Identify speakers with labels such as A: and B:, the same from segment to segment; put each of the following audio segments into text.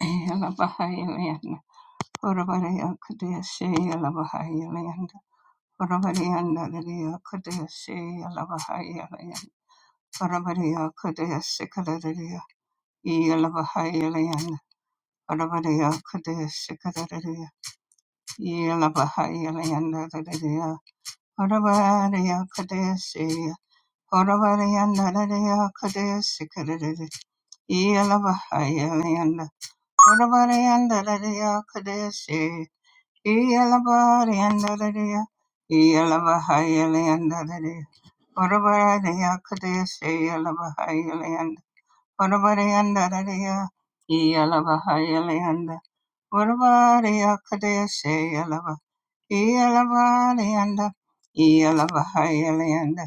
A: Yalabahayalayanda, Oravaraya Kadeshe Yalabahayalayanda, Oravarayanda Lidia Kadeshe Yalabahayalayanda, Oravaraya Kadeshe Kadadadia, Yalabahayalayanda, Oravaraya Kadeshe Kadadadia, Yalabahayalayanda Lidia, Oravaraya Kadeshe, Oravarayanda Lidia Kadeshe Kadadadia, Yalabahayalayanda, Oravarayanda Lidia Kadeshe, Iyalabariyandadariya, Iyalabahayaliyandadariya, Urabariyakadesiyalabahayaliyanda, Urabariyandadariya, Iyalabahayaliyanda, Urabariyakadesiyalaba, Iyalabariyanda, Iyalabahayaliyanda,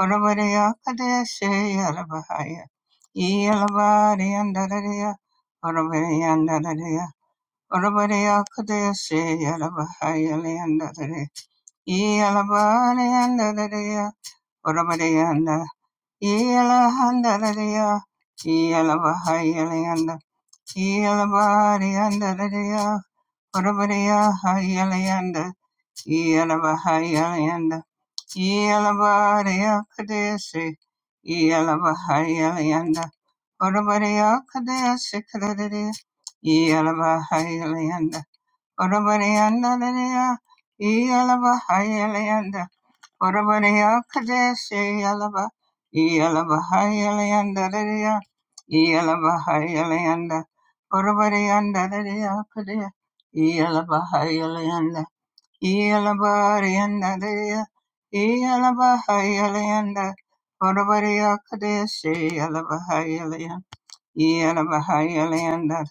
A: Urabariyakadesiyalabahaya, Iyalabariyandadariya, Urabariyandadariya, Orabarea Kadesi, Alabahaya Leandadere, Ealabareandadere, Orabareanda, Ealahandadere, Ealabahaya Leanda, Ealabareandadere, Orabarea Haya Leanda, Ealabahaya Leanda, Ealabarea Kadesi, Ealabahaya Leanda, Orabarea Kadesi Kadere, Ealabahaya Leanda, Orabareyandareya, Iyalaba Hayalayanda, Orabareya Kadeshi Yalaba, Iyalaba Hayalayandareya, Iyalaba Hayalayanda, Orabareyandareya Kadeya, Iyalaba Hayalayanda, Iyalaba Reyandareya, Iyalaba Hayalayanda, Orabareya Kadeshi Yalaba Hayalaya, Yelabahayalanda,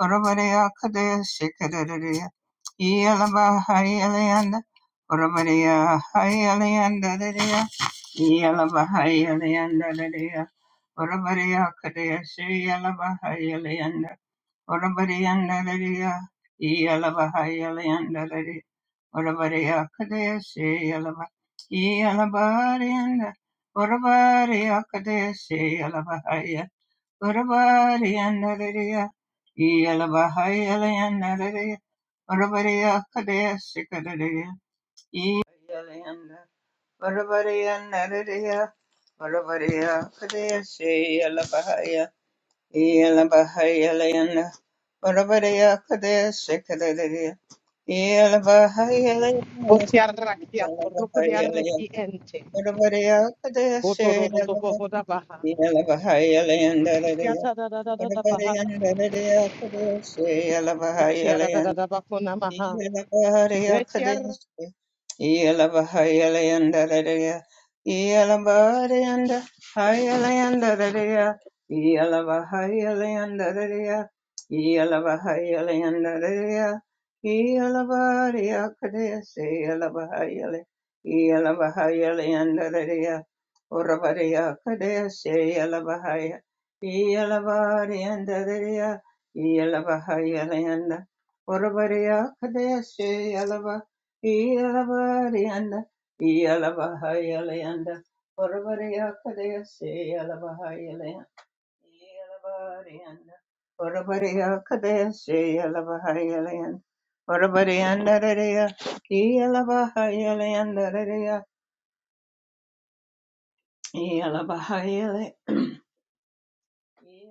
A: Urabadea Kadea Shikadadadea, Yelabahayalanda, Urabadea Hayalanda, Yelabahayalanda, Urabadea Kadea Shayalabahayalanda, Urabadea Dadea, Yelabahayalanda, Urabadea Kadea Shayalaba, Yelabahayalanda, Urabadea Kadea Shayalabahaya. Urabadiya Nadariya Yalabahayalaya Nadariya Urabadiya Kadaya Sikadariya Yalayanda Urabadiya Nadariya Urabadiya Kadaya Siyalabahaya Yalabahayalayanda Urabadiya Kadaya Sikadariya
B: Botiaraki atorokodiaraki ente. Botodododobohodabaha.
A: Yalabari
B: Etiatadadadadabaha.
A: yanda dare da ya kudu sai yalaba
B: Botiadadadabakonamaha.
A: Yalabari
B: Betiar-
A: and Dadaria, Yalabahayalanda, Orabariya Kadeshe Yalava Yalava Rianda Yalava Yalayanda Orabariya Kadeshe Yalava Yalayanda Yalava Rianda Orabariya Kadeshe Yalava Yalayanda Orabariyanda Raya Yalava Yalayanda Raya Yalava Yeah.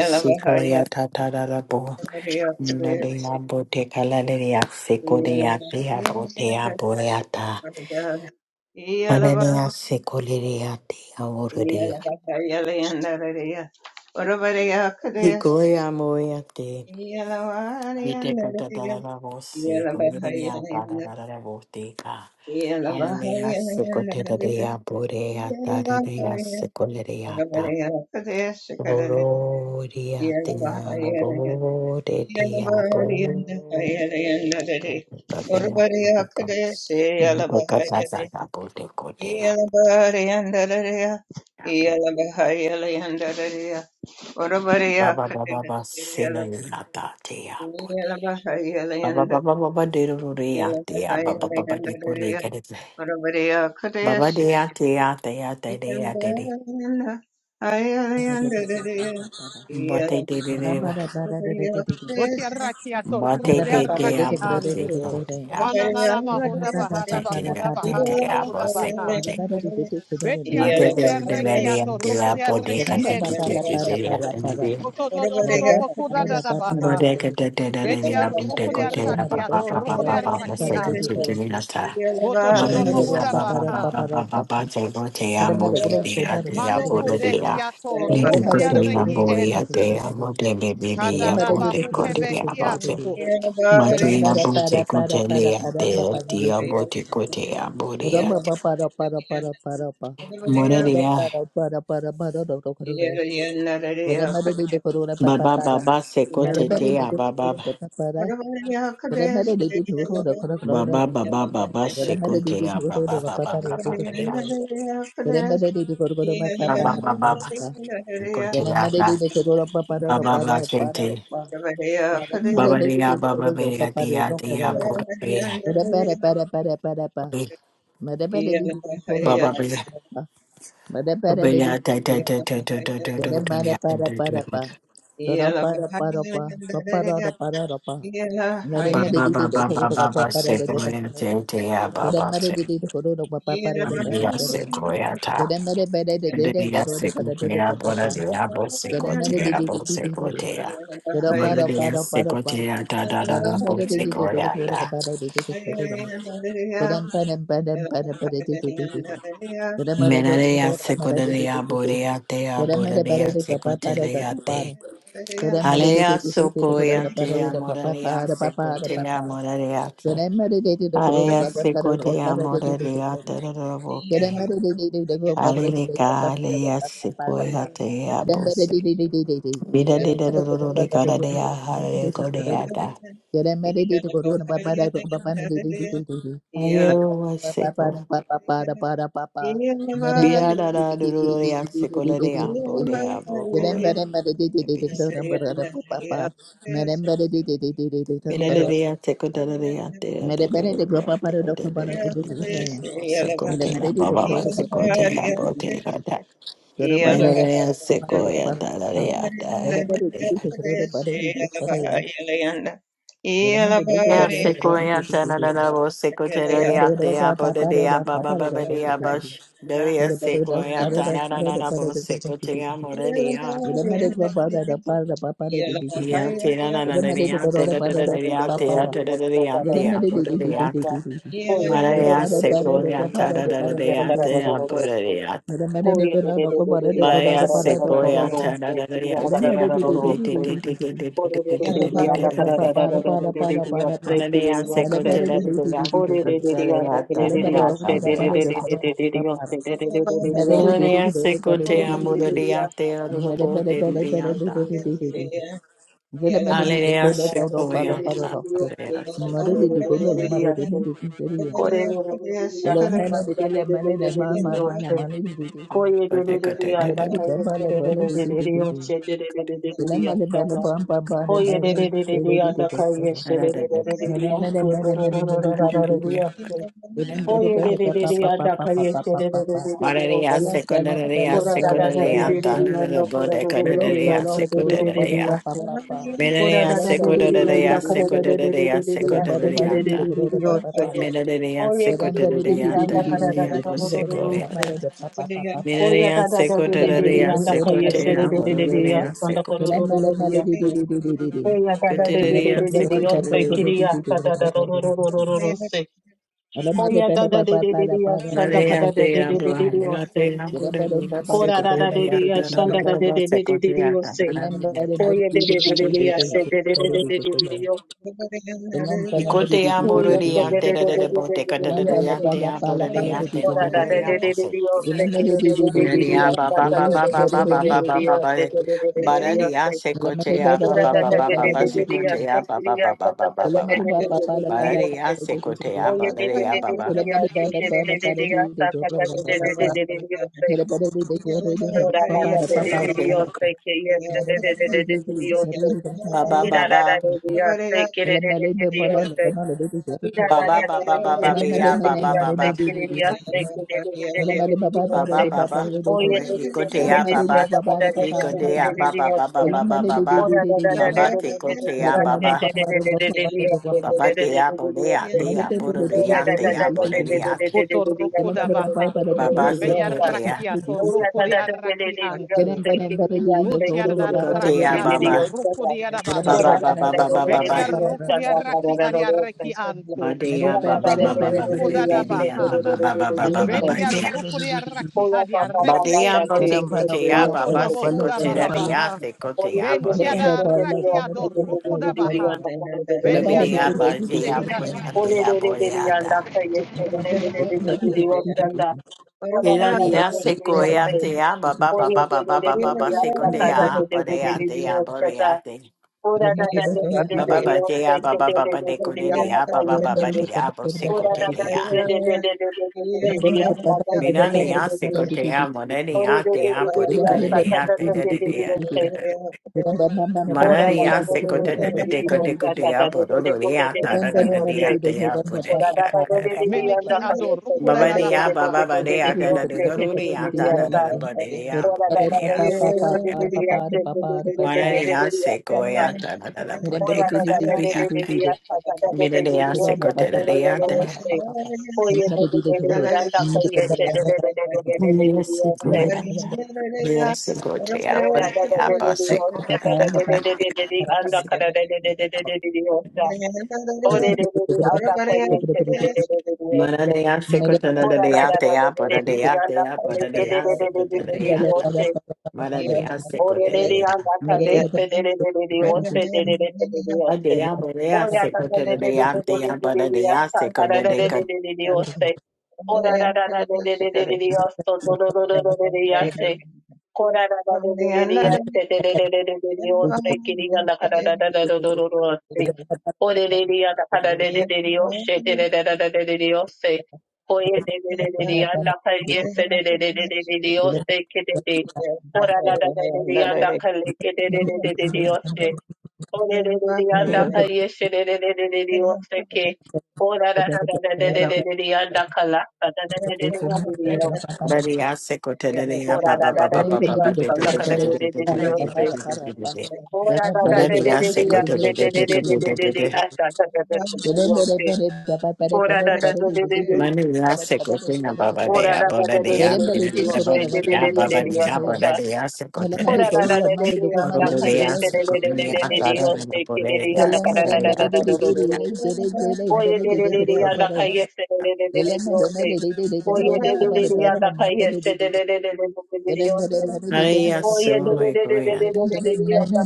C: Sequoia tatarabo, Nina de Abote Calaria, Sequoia de Abote Aboreata, Manania Sequoia de
A: Yeah.
C: Auroria, Igoya Moyate, Viteca tatarabo, Sequoia tataraboteka, Hallelujah Sequoia de Aborea, Tataria Sequoia. Boro dia dia boro de dia boro kadena kadena kadena boro kodea
A: Orabariya
C: baba baba
A: Katina
C: baba sena
A: Yala
C: yata dia bori
A: Yala Bahayala
C: baba
A: and
C: baba baba de ruri
A: Yala
C: dia baba
A: Bahayala
C: baba
A: and
C: de bori
A: Daria
C: kadena
A: Orabariya Kataya
C: baba dia dia dia dia
A: Yala
C: dia dia
A: Bahayala
D: Thank
A: Ayala and
D: you.
A: Daria
C: bote
A: Yala
C: de de de
A: Orabariya Kataya
B: Botiaraki
C: bote de dia
B: atorokodiaraki
C: bose
B: anto. da da
A: Orabariya
B: da baha da bakuda baha da
A: Kataya
B: bakuda baha.
A: Yala
C: dia
A: Bahayala
B: Manananamahudabahadabakudabahadabakudabaha.
C: bose
A: and Daria
C: Mother,
A: Yala
C: de de
B: Betiarokodiaraki
A: Bahayala
C: Valium de la Bode
B: atorokodiaraki
A: Yala
B: ente.
A: Bahayala
C: Category.
A: Orabariya
B: Botodododobokudadadabaha.
C: Bode
A: Kataya
C: Caterina Intecotea
B: Betiarokodiaraki
C: Papa Papa
A: Yala
C: Papa
B: atorokodiaraki
C: Second
A: Bahayala
B: anto.
C: Sutinata.
A: Yeah.
B: Boto do do boho
C: Manila
B: da
C: Baba
B: baha.
C: baba sekote te ya
B: Manoko de hiato, rukuriareki ente, kadada bahute behianto,
D: Kadambara para para para para para para Kadamba para para para para Bada para para para para do do do do. Bada mare do do do do para
C: baba
D: para
C: Baba Secotea Ba ba ba ba ba ba
D: Mare mare do
C: sekote
D: do
C: ya
D: do
C: ba
D: do
C: ba ba
D: para
C: ba
D: para
C: ba
D: doctor
C: ba ba ya
D: Kadure.
C: ba ba ba ba ba sekote ya
D: Kadamara
C: la
D: de Korona papa para. Madabara de Korona papa para. Kadamara de Korona Korona. Kadamara de Korona papa para de Korona. Kadamara de Korona papa para para. Kadamara de Korona papa para
C: ba ba ba
D: para para
C: kente
D: para.
C: ba
D: Madamara
C: ba
D: de
C: ya ba ba be
D: Korona papa
C: ya de
D: para para.
C: ya
D: do
C: de ya
D: do do.
C: bo be
D: Para para para para. Para para para
C: be
D: para
C: ba ba be
D: para
C: ba be ya ta ta ta ta ta ta ta ta ta ya ta ta ta ta ta. ba ba ba ba ba ba ba sekote ya te te ya ba ba
D: para
C: se ba ba ya sekoya Maria Secretaria, Bora de Abo Secretaria, Bo Secretaria. Maria Secretaria, da da da da, Bo Secretaria.
D: para para. Padam padam padam padam padam di di di di di. Padamare do do do
C: Menaria
D: padamare do. di di
C: Secretaria,
D: di di.
C: Borea Tea,
D: Padamare padare
C: Borea
D: di papa padare di papa
C: Secretaria Te.
D: padare. Padamare
C: Alea
D: di di di di di do do do
C: Socoia Tea,
D: padare di papa
C: Moraria
D: padare papa padare
C: Secretaria,
D: papa.
C: Moraria.
D: Padamare di di do do do
C: Alea
A: Yeah.
D: padare padare do
C: Secretaria,
D: padare do do di di di.
C: Moraria
A: Yeah.
C: Terroboke.
D: Padamare di di di do do padare do papa
C: Alelica,
D: padare
C: Alea
D: papa padare papa.
C: Secoia Tea,
D: Padamare di
C: Bose.
D: di di di di di.
C: Vida de
D: Padamare do papa pare do padare di papa padare
C: Rodicada de
D: do do do. di
C: Hare Ayero seco. Mira da da do do do dea seco la dea bo dea bo coe. Mira da dea seco da
D: Meremere
C: da dea dea do do do dea seco da da dea da da dea bo seco te la ba ba ba seco te la bo te la da. Mira da dea seco ya da da dea da ba dea.
D: Get a Mera
C: Ya seco ya da da da da bo seco te la dea dea bo da dea ba ba ba ba dea ba sh. Da dea seco ya da da da da bo seco te la mo da dea.
D: mera
C: Hallelujah.
E: Thank
D: para do pa para de para de de de de Mera mera de ko na no ko para de ko
A: Yeah.
D: na de para do ko
C: Sequoia,
D: na na. Mera mera de de de de de pa de de Hello,
C: Hallelujah.
E: you. Kore de de de de yasanda da de de de de de
A: Yeah.
E: de yosse. Koye de de de de yanda
C: Sequoia.
E: kayeste de de de de de de yosse de de de de de de de yasanda. Koye de de de de de yanda kayeste de de de
C: Mararia
E: de de de
D: Mene
E: yosse
D: mene mene
E: do
D: mene
E: do do
D: mene
E: do
D: di
E: do
D: di
E: da
D: di
E: da
D: di
E: de
D: di.
E: yosse.
D: Belem belem
E: Koye de
D: belem
E: de
D: pa
E: de
D: pa
E: de
D: pa pa
E: yanda
D: pa pa pa
E: kayeste
D: pa
E: de
D: pa
E: de de
D: pa.
E: de de de yosse.
D: Belem belem
C: secundaria
D: belem
E: Kora da
D: belem
E: da da de
D: belem
C: secundaria
E: de de
D: de.
E: de
C: tana de
E: yanda kora
C: bode
E: do do de
D: Duro
E: de
C: canaria
D: bolo
E: yosse de de
D: duro
E: de
D: pa
E: de de
D: da pa
C: secundaria.
D: pa
E: yosse.
D: pa pa.
E: Kora
C: Minaria
E: da
D: Belem
E: da de
D: belem
E: de
D: di
E: de
D: di di di
C: secundaria
E: yanda
D: di
E: kara
D: di
E: da
D: di.
E: de de de de
C: secundaria
E: de de
D: Belem belem
E: yosse de
D: belem
E: de
D: di
E: de
D: di
C: secundariata.
E: de de
D: di
E: de
D: di pa pa
E: yosse.
D: pa.
C: Minaria
E: Oye de
D: Belem
E: de de
D: belem
E: de
D: di di
E: de
D: di di
E: anda
C: secundariata
D: di di
E: kara da
D: di
C: ria
E: da
D: di.
E: da da da
D: Belem
E: da
D: belem belem
E: da
D: pa pa
C: bosecoiata.
E: se.
D: da pa pa pa pa pa pa
E: Oye
D: pa.
C: Minaria
E: da da da
D: Belem
E: de de de
D: belem di
E: de
C: secundaria
D: di di di
E: anda kaya se de
C: secotea
E: de
D: di
E: de de
D: di di di
E: de
D: di
E: ya
C: vororia
D: di.
E: anda kara
D: Belem
E: da
C: secote.
E: da da
D: belem
E: da
D: belem
E: ya
D: di di
E: se.
D: di di di di di.
E: Oye da da
D: Remember,
E: de de de de de de ya se
C: Coteria
E: kiri ya da da da da da da da da da se. Oye da da de de de de ya se anda kara da de
C: Maleatea
E: de de de de ya se.
C: Buhanatea Buddha
E: Kora da da de de ya se anda da de
C: Secoteata
E: de de de de de ya
C: Secoteata
E: se.
C: Minata.
E: Oye de de de de de ya se de de de de de de de ya.
C: Nicotea
E: Oye da da
C: Muradiante
E: de de de
C: de
E: de de
C: Boteca
E: de de
C: de
E: ya se.
C: Diantea Buddha Diante
E: Ora da de
C: Nomedaria
E: de de de
C: Bose.
E: Dios, te quiere de de de de
C: Inadia
E: Dios, ta
C: Baba
E: ta de
C: Baba Baba
E: de de de
C: Baba
E: de de Dios, te
C: Baba
E: de de de de de Dios,
C: Baradia
E: te.
C: Secotea
E: Ora
C: Baba
E: da da
C: Baba
E: de de de
C: Baba
E: de Dios,
C: Secotea
E: te
C: Baba
E: quería ta
C: Baba
E: ta ta
C: Baba
E: de
C: Baba
E: de de de de de Dios,
C: Baradia
E: te.
C: Secotea
E: Oye de de
C: Baradia
E: de de
D: Thank
E: de
C: Baba
E: Dios, te de de de de Dios, ta ta ta de de de de de de Dios, te.
D: you.
E: Ora da da de de de
C: Nicote
E: Dios, te quería ta de de de de de de Dios, te.
C: Baba
E: Ira da da
C: Baba
E: de Dios, te quiere de de de Dios, te. Ira da
C: Baba
E: da de
C: Baba
E: de de
C: Baba
E: de de de de
C: Baba Baba
E: Dios,
C: Baba
E: te quería, te quiere de de de de de de Dios, te.
C: Baba Baba
E: Oh yeah,
C: over
E: de de de de
C: Hikotea
E: de de yeah,
C: Baba
E: da ba, da da
C: He
E: da da da da
C: Hikotea
E: de de
C: Baba
E: ya
C: Baba
E: se.
C: Baba Baba
E: Oh da da da da de
C: Baba
E: de de de de de
C: Tekotea
E: ya se
C: Baba
E: de de de de de de de ya se de
C: Baba
E: de de de de de
C: Dea
E: de ya
C: Bodea
A: Yeah.
E: se.
C: Dea
E: Oh da da
C: Bodea
E: da da
C: Dea
E: da de de de
C: Bodea
E: de de de
B: buto
E: de
D: Thank
E: ya se
B: rukuda
E: de de de
B: baha,
E: de de de
C: Baba
E: de ya se.
C: Sekotea
B: beriarakiato,
E: Oh
A: Yeah.
E: yeah, da da da de de de de ya
B: rukuriarakianto,
E: se de de ya se de de de de de de
C: Hikotea
E: de de
B: butiararakiato,
E: ya
C: Baba
E: se da. Oh
B: rukuriarabaha,
E: da
C: Baba
E: da da
C: Baba
E: de
C: Baba
E: de de de
C: Baba
E: de ya se da da
B: betiarukuriaraki
E: da da da se.
B: ariareki anto,
E: Oh
C: Badea
E: da da
C: Baba
E: da de
C: Baba
E: de
C: Baba
E: de de
B: monomoko
E: de ya
B: dada
E: se
C: Badea
E: de de
B: baha,
E: de
C: Baba
E: de de
C: Baba
E: de de ya se. Oh da da da da da de de de de ya se
C: Baba Baba
B: Betia
C: Dea
B: rukuria raki adia reki
C: Badea
B: ente.
C: Botekotea
B: Bato
C: Baba
E: de
B: dobo
E: de de
B: huda
E: de
B: baba
C: Sekotea Dea
B: baha.
E: Ora
C: Sekotea
B: Bentia
C: Bodea
B: da raki ado rukuda baha. Betia do
C: Bebedea Bazea
B: rukudehiata.
C: Bodea Dea Bodea Ina ni ya seko ya te ya ba ba ba
D: you.
C: ba ba ba ba ba ba
D: Remember
C: seko de ya ba de te ya ba de ya ba ba ba de ya ba ba ba ba de ko de ya ba ba ba ba de ya ba seko de de ya mina ni ya seko te ya mo de ni ya te ya bo de ko de de ya te de
E: Oh,
C: Mararia secote de de ya da da da da mara ni ya seko te de de de ko de ko de ya bo ro ro de ya ta da da da de ya te ya bo de de ya da da da
B: Meneki ado rukuda
C: Baba
B: da
C: de
B: da
C: ya,
B: baha.
C: baba ba de ya, da da da da do de ya, ta da da da ba de de ya, bo de de ya, seko.
A: Yeah.
C: Marariase goyata da da bote da da yata. Mirariase
D: Mere
C: gotera de yata. Yes, goya. Yes, goya. Apa se goya da da da.
E: Ore de de de anda kaye se de de de de de de se.
C: Marariase gotera
E: Ora
C: de
E: da da da
C: yata
E: de
C: apa da
E: de
C: de
E: de de de
C: yata
E: anda
C: apa
E: kaye
C: da de
E: se de de
C: yase
E: de de de
C: gotera
E: de
C: de
E: de de
C: yata.
E: se.
C: Marariase
E: Ore
C: gotera
E: de de
C: de yata.
E: anda kaye se de de de de de se de de de de de de
C: Ade
E: se.
C: apa de
E: Ora
C: yase
E: da da de de
C: gotera de
E: de
C: yata
E: de de de de
C: apa da de
E: de sa.
C: yase
E: Da
C: gotera
E: da
C: de
E: de de
C: yata.
E: de de de
A: Yeah.
E: se. Ora da da da de de de de de de so. Do do do do do de de se. Ora da da de de de de se de de de de de de se. Kiri anda kada da da da do do do do se. Orelia da para de de de oshe de de de de de de de ose. Oye de de de de de anda kaye se de de de de de de de ose ke de de. Ora da da da de de anda kalle ke de de de de de de ose. Ore de de de anda kaye se de de de de de de ose ke. Ora da da da da de de de de de anda kala da da da
D: Belum
E: de de de de de de ose.
C: Marariase gotera de yata ba
E: Ora
C: ba
E: da
C: ba
E: da da de de de
C: ba
E: anda kala de de de de ose.
C: ba ba ba.
E: Ora da da de de
C: Badadeya
E: de de
C: seko do do
E: de
C: do
E: de
C: do
E: de
C: do
E: de
C: do
E: de
C: do
E: de
C: do
E: de
C: do.
E: asa da da da de de ose. Ora da da da da da da.
C: Manuya seko tena
E: Ora
C: babadeya
E: da da da da
C: badadeya
E: da da da
C: badadeya
E: da. Ose da da da
C: badadeya
E: da da da.
C: babadeya
E: Aka.
C: badadeya seko
E: Ora da
C: tenadeya.
E: da da da da da. Anda paye
C: Orodeya
E: se da
C: seko
E: da da da da
C: nuya
E: da da.
C: tadadana
E: Ose da da da.
C: bodeya
E: Anda ka da da da da
C: kadadeya
E: da da da da
C: badadeya.
E: da. Oye da da da da da. Anda
C: Nikoya.
E: paye se da da da da da da. Ose. Oye da da da da da. Anda paye se da da da da da da
D: Thank
E: da
D: you.
E: da. Ose.
C: Areya
E: Oye da da
C: sohoy
E: da da da da
C: goya.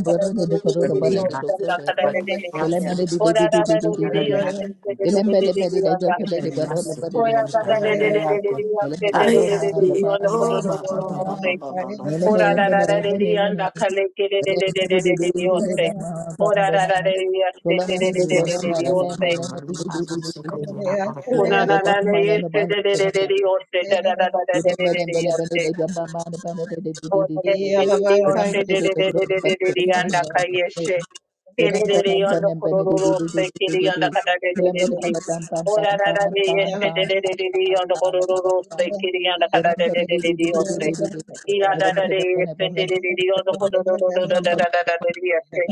E: da da da. da
C: Badadeya.
E: Anda ka da da da da da da da. Ose. Anda ka da da da da
C: Badadeya
E: da.
C: seko
E: Ora da da da da da. Ose
C: tadadaya.
E: da da da da da da. Anda
C: Areya seko nuya
E: Ora da da de de de de de
C: tadadaya.
E: de de de de
C: Areya
E: de de de
C: seko.
E: ono ko do
C: Oh,
E: do
C: ba
E: do
C: ba
E: do
C: ba
E: do
C: Baba
E: se.
C: Baba Baba ba ba seko
E: Ora da
C: nuya
E: da da de de
C: tadadaya.
E: anda kale ke de de de de de de de de o se. Ora da da de de se de de de
C: Hallelujah,
E: de de de de
C: Sequoia,
E: o se. Una na na de se de de de de de o se da da da da
D: Thank
E: de de de de de o se. Ora de de de de de o se de de de de de de de de anda kale Tererere yondo kororo sekiri yonda kadadedededede. Orararare yeste dedededede yondo kororo sekiri
A: Yeah.
E: yonda kadadedededede yose. Iyadadare yeste dededede yondo kororo dadadadadadede yose.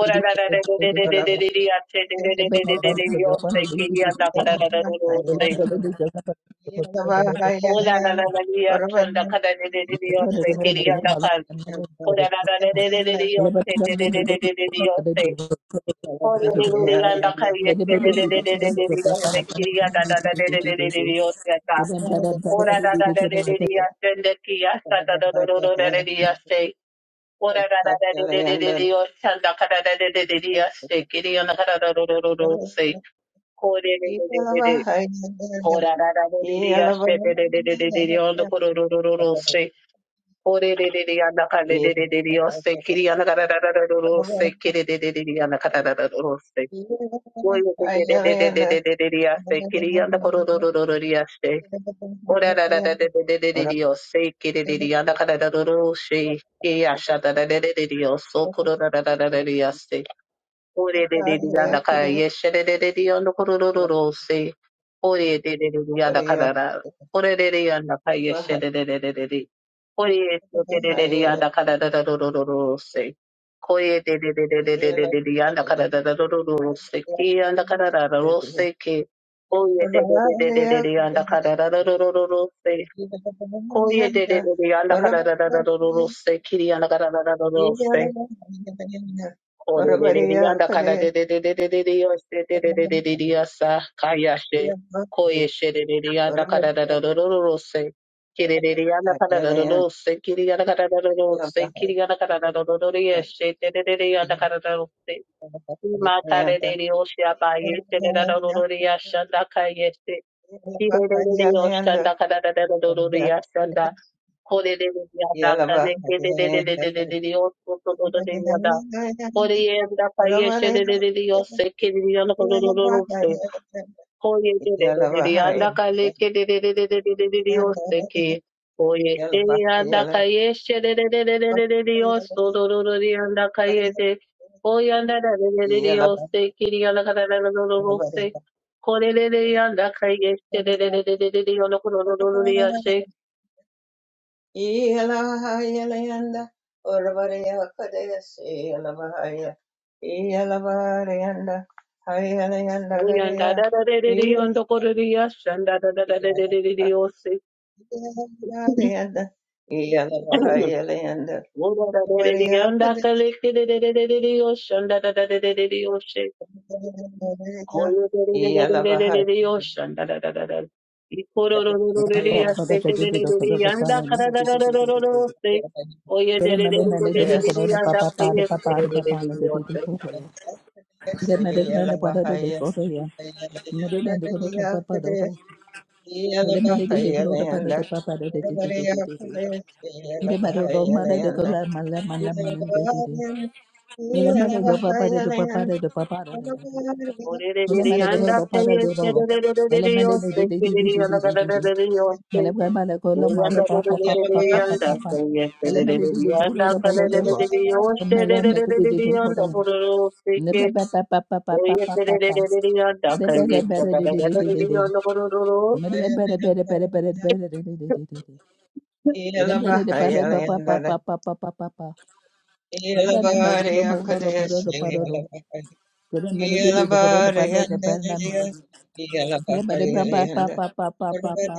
E: Orararare dededededede yase dededededede yose kiri yonda kadadadadede yose. Orararare yeste yonda kadadededede yose kiri yonda kad-
D: you.
E: Orararare dededede yose dededededede
D: Papa,
E: yose. Ora
D: Mede mede ko do
A: Yeah. Yeah.
E: Oye, de de de de de de de de Dios, te quería andar con oro, oro, oro, Dios, te. Ora, ra, ra, ra, de de de de de Dios, te quiere de Dios, anda con oro, oro, sí. Y asha, da, da, de de de Dios, socorro, ra, ra, ra, ra, de Yes. おれれれれやだから、いえしゃれれれれやのころろろろせ。おれれれれれやだからら、これれれやだから、いえしゃれれれれれれ。これれれれれやだからららろろろろせ。これれれれれれれれれれやだからららろろろせ。きやだからららろせけ。おれれれれれれれやだからららろろろろせ。これれれれれやだからららろろろせ。きりやだからららろろせ。
A: Ora
E: Ore de de de
A: bariya
E: yanda kala de de de de de de de yo se de de de de de de ya sa kaya she
A: kadesh,
E: koye she de de de yanda kala
A: Yeah.
E: da da da da da se kiri de de yanda kala da da da se kiri yanda kala da da da se kiri yanda kala da da da da ya she de de de de yanda kala da da se ma kare de de yo she ba ye se de da da da da ya shanda kaya she kiri de de de yo shanda kala da da da da da ya shanda kore de de de yanda kala de de de de de de de de yo so so so de yanda Oye, anda calle, se de de de Dios, se que de Dios, no no no no no se. Oye, de de de de de, anda calle, que de de de de de de de de Dios, se que. Oye, se anda calle, se de de de de de de de de no no no no de anda calle, de. Oye, anda de de de de Dios, se que de anda calle, no no no no se. Oye, de de anda calle, se de de de de de de Dios, no no no no no de se.
A: Iyalahayalayanda Urvarayakadayasi Yalavahaya Iyalavarayanda Hayalayanda
E: Oye,
A: Gadaya
E: anda de de de de de no no no no de se, anda de de de de de de de
A: Iyalavarayanda
E: Dios, se.
A: Iyalavahayalayanda
E: Yanda
A: Urvarayakadayasi Iyalavahaya Kadayasi Yalavahaya
D: papa do
A: Hayalayanda
D: do. Mede mede de de ko do papa de
A: Yelabahayalayanda,
D: papa de de de de de de de.
A: Urvariyakadesi
D: Mede mede do mede de ko
A: Yelabahayalayanda,
D: la mala mala mala de de de.
A: Yelabahayalayanda,
D: Elemele
A: Yelabahayalayanda, Urvariyakadesi
E: Yanda
A: Yelabahayalayanda, Yelabahayalayanda, Yelabahayalayanda, Yelabariyakadesi Yelabahayalayanda,
D: Mother,
A: Yelabahayalayanda, Yeah.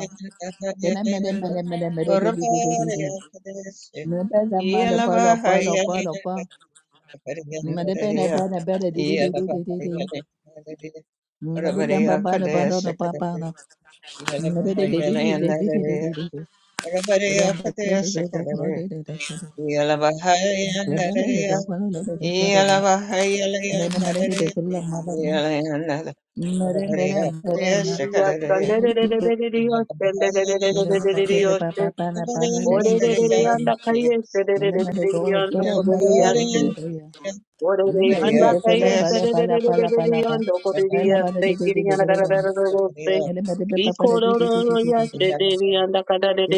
D: Thank
E: Ore
D: you. Mere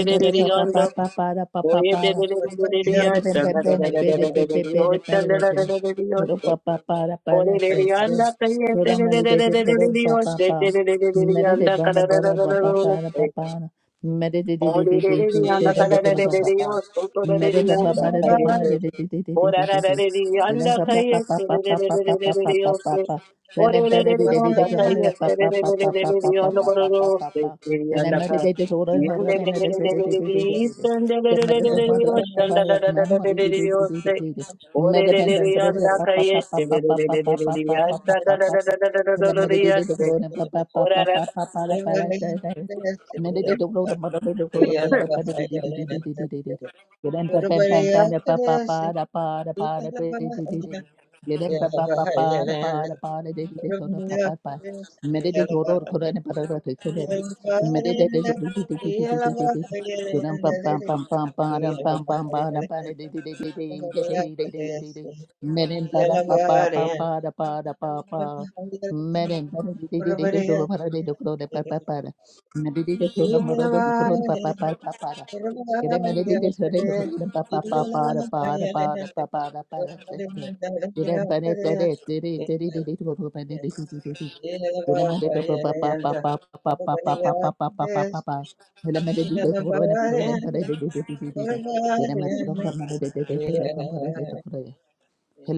E: Ora
D: Pa pa pa pa pa. Meren,
A: Yeah. Yeah.
D: Medidita Sura Morodo Kuru Papa Kuru Papa Papa
A: Yeah.
D: Get a panetta de Tiri Papa Papa Papa Papa Papa Papa Get a medidita Sura and Puru and Pedidity. Get a medita Sura Medidita Many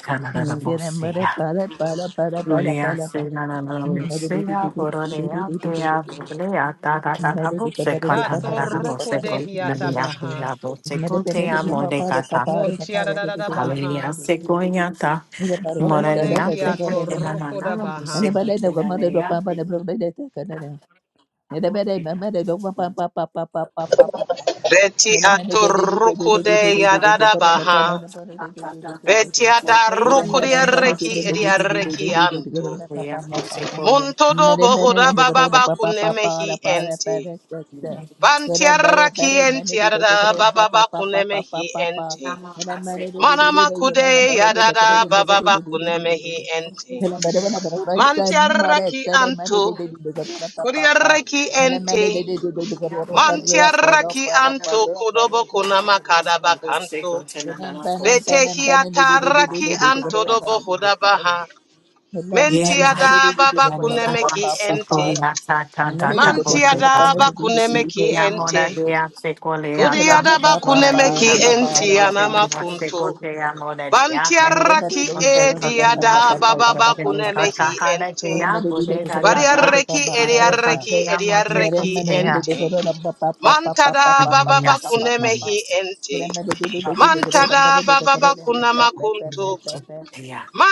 C: Canada, the
D: Gerembare
C: Bosia.
D: para para para para
C: Gloria,
D: para para.
C: Senana,
D: Mere di di di
C: Lucia,
D: di di di di
C: Bororea,
D: di di di
C: Dea,
D: di di.
C: Borea, Tata, Tata,
D: Mere
C: Bose,
D: di pa
B: Bato
D: para di pa para di
C: Catana,
D: pa para di
C: Boseco,
D: di di
B: rukudehiata
D: di.
C: Naria,
B: baha.
C: Dea,
D: Mere
C: Boseco,
D: pe
C: Tea,
D: mere di pa para pa
C: Modecata.
D: para pa
B: Montia
D: para
B: da da
D: di
B: da
D: di di di di di
C: Hallelujah,
B: baha.
D: di di.
C: Sequoia,
D: Mere para ora da da
C: Morania,
D: da
B: Moneki
D: da
B: ato
D: da da.
C: Sequoia, Nana,
B: rukuda
D: Ane
B: baha.
D: ba
C: Boseco,
D: da da ko mere do
C: Tenanea,
D: pa pa
C: Dea,
D: ne bro da da ka da da. Mere ba da
C: Boseca.
D: mere do Anybody, Hello,
B: Beti ato
C: Thank
B: rukude ya da da baha. Betia da rukudia reki edia reki anto. Montodo bohoda baba ba kuneme hi ente. Bantiarra ki entiarada baba ba kuneme hi ente. Manama kude yadada baba ba kuneme hi ente. Mantiarra ki anto. Kuriarra ki
D: Papa,
B: ente. Mantiarra ki anto kodobo kunama kadaba kanto. Bete hiatarra ki anto dobo
C: you.
B: hoda baha.
C: Yeah, my
B: Mentiada baba
C: God, I
B: kuneme
C: am
B: ki
C: so
B: ente.
C: cool. I can't can't can't believe it.
B: Mantiada
C: I
B: kunemeki
C: am more than
B: ente.
C: so sequel. I am
B: Kudiada
C: more than
B: kunemeki
C: a
B: ente
C: sequel. I am sequel.
B: anamakunto.
C: I am more than a sequel.
D: Mere mere
B: Bantiaraki
D: do do do
C: Okay,
D: pa
C: continue.
D: pa
C: I'm
D: pa
B: ediada
C: going
D: pa
C: to
D: pa pa
B: baba
D: pa pa
C: continue.
D: pa pa pa.
B: bakunemehi
C: Kaka hara
B: ente.
D: Mere
C: keya
D: mere di de
C: bude
D: do
C: da
D: do na
C: da
D: pa na
C: da.
D: de pa
B: Variareki
D: pa pa na
C: Mate
D: pa.
B: ediareki
C: kakeya mote
D: Mere
B: ediareki
D: mere di de
C: kakeya.
B: ente.
D: do do na pa pa pa pa pa pa pa
B: Mantada
D: pa pa
B: baba
D: pa pa
C: Anamiyasi,
D: pa pa.
B: bakunemehi
C: anamiyasi.
D: Mere
B: ente.
D: mere di de do do na pa na
B: Mantada
D: de pa
B: baba
D: pa pa pa
B: bakunamakunto.
D: pa pa pa.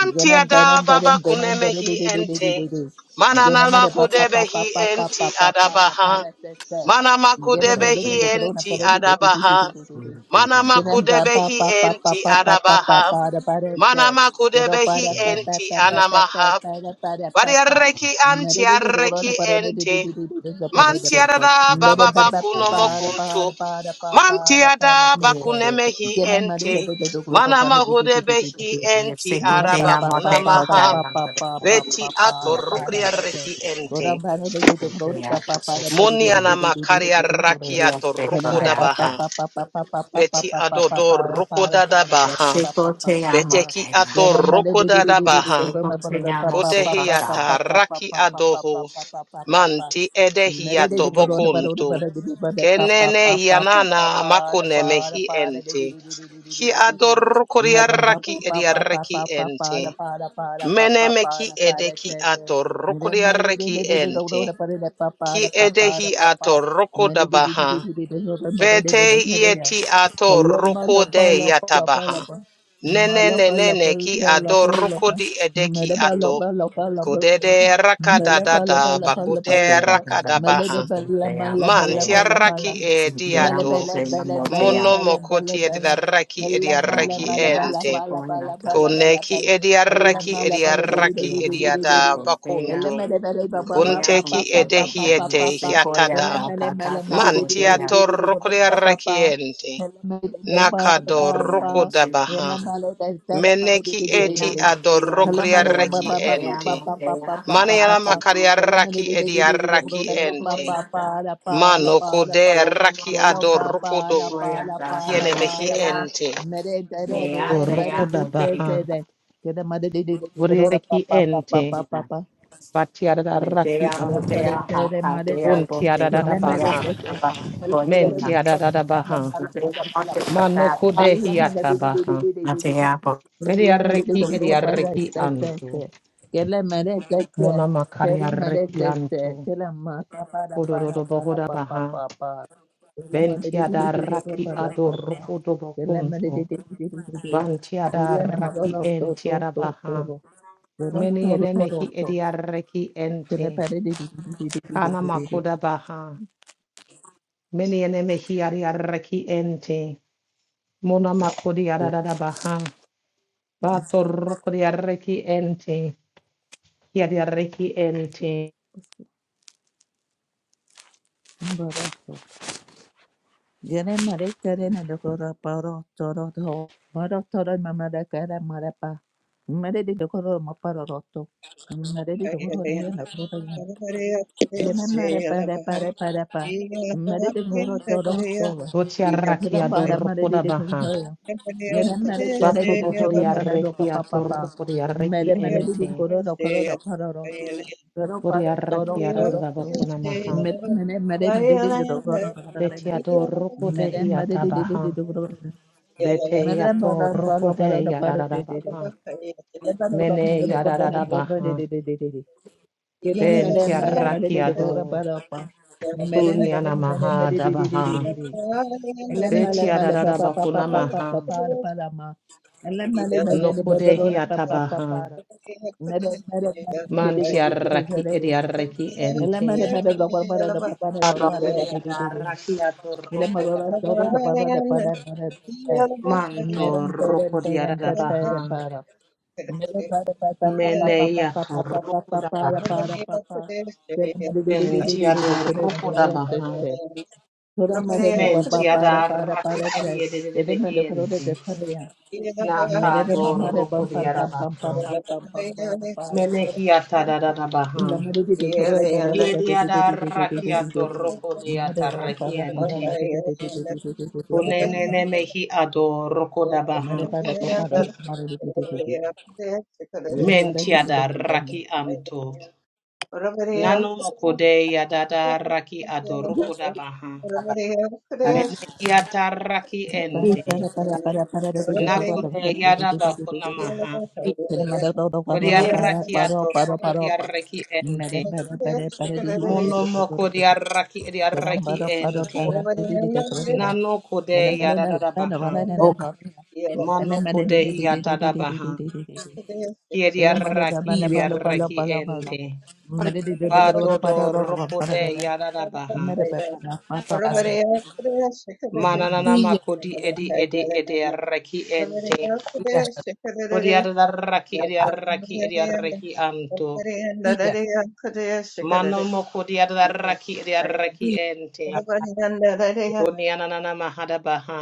D: Gene bene
B: baba
D: bene bene bene di
B: kunemehi
D: di di di di di
B: ente.
D: di. Gene
B: Manana
D: mare pa pa pa pa
B: makudebehi
D: pa pa
B: enti
D: pa pa pa da pa
B: adabaha.
D: da se se.
B: Mana
D: Gene mare
B: makudebehi
D: di dokoro na pa
B: enti
D: da di di di di di di di
B: adabaha.
D: di.
B: Mana
C: Kakeya.
D: Gene pa pa
B: makudebehi
D: pa pa pa
B: enti
D: pa pa pa pa
B: adabaha.
D: pa da pa da
B: Mana
D: se. Dodo pa
B: makudebehi
D: da pa pa
B: enti
D: pa pa pa pa
B: anamaha.
D: pa da pa da pa pa.
B: Variareki
D: Mare di dokoro na
B: antiareki
D: pa da di di di
B: ente.
D: di di di di da pa da da pa.
C: Niseko te
B: Mantiada
D: Mare
C: amo
B: baba
D: pa pa pa
C: seko
B: bakuno
D: pa
C: ya.
D: da pa
B: mokunto.
D: da pa da pa pa da pa da
B: Mantiada
D: se se.
C: Niseko
B: bakunemehi
D: Gene mare di
B: ente.
D: dokoro pa
B: Manama
D: da di di di di di
B: hudebehi
D: di.
B: enti
C: niseko te
D: Papa,
B: araba
C: amo seko te
B: kunamaha.
C: amo da.
B: Beti
C: Niseko
B: atorukria reki
C: niseko
B: ente.
C: te amo seko te na.
B: Moniana makaria rakia
C: Niseko
B: toruko
C: ya
B: dabaha.
C: ta.
B: Beti adodo ruko dadabaha.
C: Niseko te amo
B: Beteki
C: te na.
B: ato ruko
C: Niseko te amo seko
B: Kotehiata
C: ta.
B: raki adoho manti edehiato bokuntu. Kenene yanana makune mehi ente. Ki ador kuriaraki ediaraki ente. Meneme ki edeki ator kuriaraki ente. Ki edehi ator rokodabaha. Vete yeti
D: Papa,
B: ator rokode yatabaha. Nene nene ne ki ador rokodi edeki ato. Kodede
C: Te
B: rakadadada bakute
C: da te da
B: rakada
C: da
B: baha.
C: so te amo
B: Man
C: te ya.
B: tiaraki e
C: Te amo
B: diado.
C: te amo te ya.
B: Mono mokoti ediaraki raki edia
C: La
B: raki
C: la la
B: ente.
C: seko ya ta.
B: Koneki
C: Te
B: ediaraki
C: amo te
B: ediaraki
C: amo
B: ediada
C: te ya.
B: bakuntu.
C: Bodea
B: Kunteki
C: Mose Cantana
B: edehiete
C: Sequoia
B: hiatada.
C: Tacata
B: Man
C: Bodea.
B: tiato
D: Mala
B: rokodiaraki ente. Nakado
C: Bodea
B: rokoda
C: Mose
B: baha. Meneki eti
C: Bodea Mosea Mosea
B: adorokodiaraki
C: Mosea
B: ente.
C: Mosea
B: Maniana
C: Haha Sequoia
B: makaria raki edia raki ente.
C: Sequoia
B: Mano kode
C: Sequoia
B: raki
C: Mosea
B: adorukodo
C: Sequoia Taha
B: kiene mehi
C: Bodea
B: ente.
C: Mea
B: Todo rukoda
C: Motea
B: baha. Bureki ente.
C: Motea
D: Hello,
B: Batiada da
D: Kela
B: raki
C: Metea
B: anto.
C: Bodea Haha Dea
B: Untiada da da
C: Boteco Dea
B: baha.
C: Botea
B: Mentiada da da baha. Mano
C: Motea
B: kode hiata baha.
C: Motea Motea
B: Bedia reki edia reki anto. Mona makaria reki anto. Odododo bohoda baha. Bentiada raki adoroko dobokunto. Bantiada raki entiada baha. Many enemehi ediareki
D: Jene
B: ente.
D: pare di di di di di di
B: Kana
D: di di di.
B: makoda baha. Many enemehi adiareki ente. Mona makodi
D: Yo,
B: adada baha. Bato roko diareki ente. Hiadiareki ente.
D: Jene mare kare na dokoro paro toro to. Maro toro mama da kare mare pa. Mare di dokoro ma paro roto. Mare di
A: Yeah.
D: dokoro ne na dokoro Yena mara para para para pa. Mare de goro toro toro.
B: Votia raki
D: Yena para mare
B: adoroko
D: de
B: da
D: de
B: baha.
D: goro. Yena mara para de
B: Bato
D: de
B: boho
D: goro mara do pa
B: diareki
D: pa pa pa.
B: atoroko diareki
D: Mare mare de de
B: ente.
D: goro do goro do para do. Goro para toro
B: Buriaraki
D: toro toro.
B: ararabakuna maha.
D: Mare mare mare de de de do goro do goro goro na.
B: Betiador rukude
D: Mare mare de de de de
B: hiatabaha.
D: do goro do na.
B: Bete
D: Mare
B: yator
D: para para para
B: rukude
D: do para de de de.
B: yararabaha.
D: Mare para do
B: Mene
D: para do para do para de
B: yararabaha.
D: de de de de. Madam, madam, madam, madam,
B: Bentiaraki
D: de gloria
B: ador.
D: para pa. Madam,
B: Kunyana
D: madam, madam, madam,
B: maha
D: de de de de
B: dabaha.
D: de. de. Elam, madam, madam, pa pa pa pa
B: Betiadarabakuna
D: pa pa pa
B: maha.
D: para para ma. Elam, madam, madam, de
B: Nokude
D: gloria pa pa pa
B: hiatabaha.
D: para. Madam, madam, madam, de de de de de
B: Mantiaraki
D: de de.
B: ediaraki
D: Thora
B: ente. Abahuriadaraki ator rukude yararabaha. Manto rukude yararabaha.
A: Yeah,
B: Meneya torokoda baha. Mentia do rokoda baha.
D: mare no pa pa pa
B: Mentia
D: ra
B: da
D: pa ra pa ra jai.
B: rakikadi
D: Dede me de koro de de
B: ededededehente.
D: pa ya. Mere
B: Naka do
D: mamá de pam pam
B: rokodiara
D: pam pam pam
B: baha.
D: pam pam pam pam pam
B: Menehia tadadada
D: Madam,
B: baha. Yedia da rakiato rokodiata rekiente. Kunenene mehi ado rokoda baha. Mentia da raki anto. Nano mokode yadada raki ado rokoda baha. Mene iataraki ente. Nakude yadaba kunamaha. Kodiaraki atoroko diaraki ente. Monomoko diaraki
D: Hi,
B: diaraki ente. Nano kode yadadabaha.
A: Yeah.
B: Mano kode hiatadabaha. Kiediaraki diaraki ente. Vadodo rokode yadadabaha.
A: Yeah.
B: Mananana makodi edi edi edi araki ente. Kodiadaraki idiaraki idiaraki anto. Mano moko diadaraki idiaraki ente. Konianana mahada baha.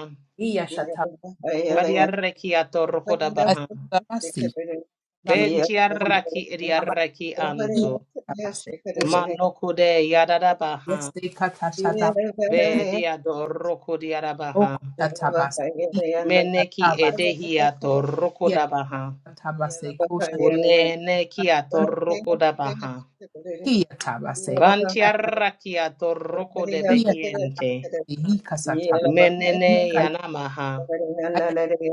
B: Badiaraki atorokoda baha. Bentiaraki idiaraki anto. Mano kude yadada baha.
F: Yes, they cut a shatabasi,
B: Bediadoroko
F: O
B: diarabaha.
F: Kotatabasi,
B: Meneki
F: Tatabas,
B: edehi
F: Yes,
B: atorokoda baha.
F: Tatabase, Kosha
B: Uneneki
F: Tabas, and
A: Yeah.
B: atorokoda baha.
F: Kia Tabase, Kotatabas,
B: Bantiaraki atoroko de
F: Yes,
B: behiente.
F: Tatabasi, Oh
B: Menene
F: yeah.
B: yanamaha.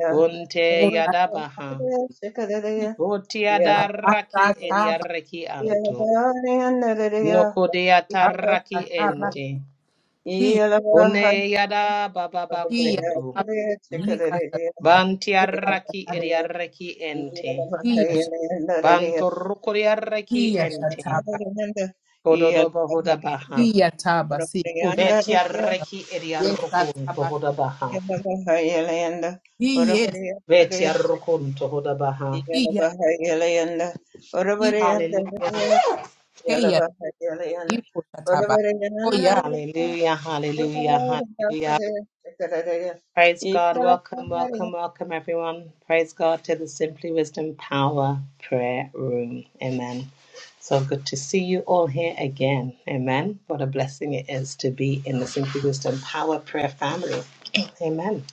B: Unte yadabaha. Utiadaraki ediaraki anto. Nokodiataraki ente. Une yada bababa kuntu. Bantiaraki ediaraki ente. Bantorukuriaraki ente. Kododoba hodabaha. Betiaraki ediarukun tohodabaha. Betiarukun tohodabaha. Hallelujah. Hallelujah, hallelujah, hallelujah. Praise God. Welcome, welcome, welcome, everyone. Praise God to the Simply Wisdom Power Prayer Room. Amen. So good to see you all here again. Amen. What a blessing it is to be in the Simply Wisdom Power Prayer family. Amen.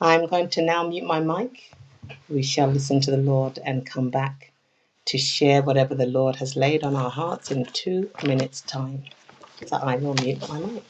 B: I'm going to now mute my mic. We shall listen to the Lord and come back to share whatever the Lord has laid on our hearts in two minutes' time. So I will mute my mic.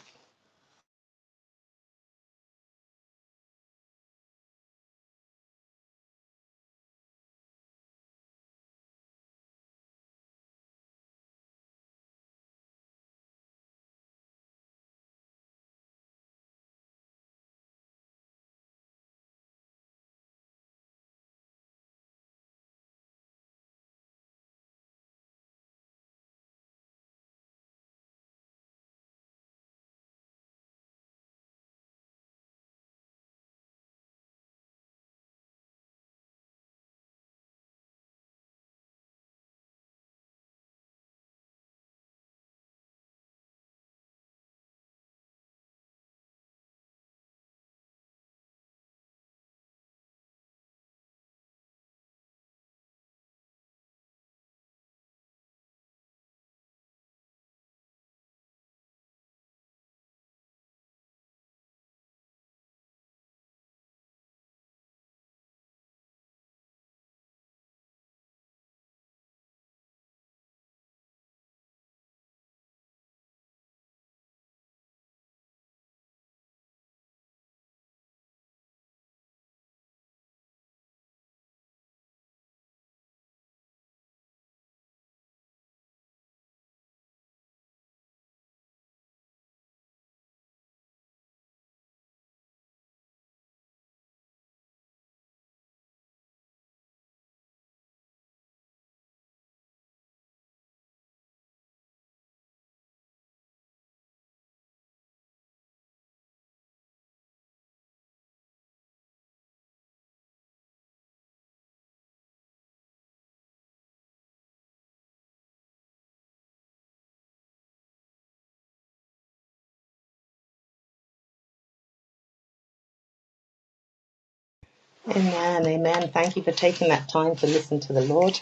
B: Amen, amen. Thank you for taking that time to listen to the Lord.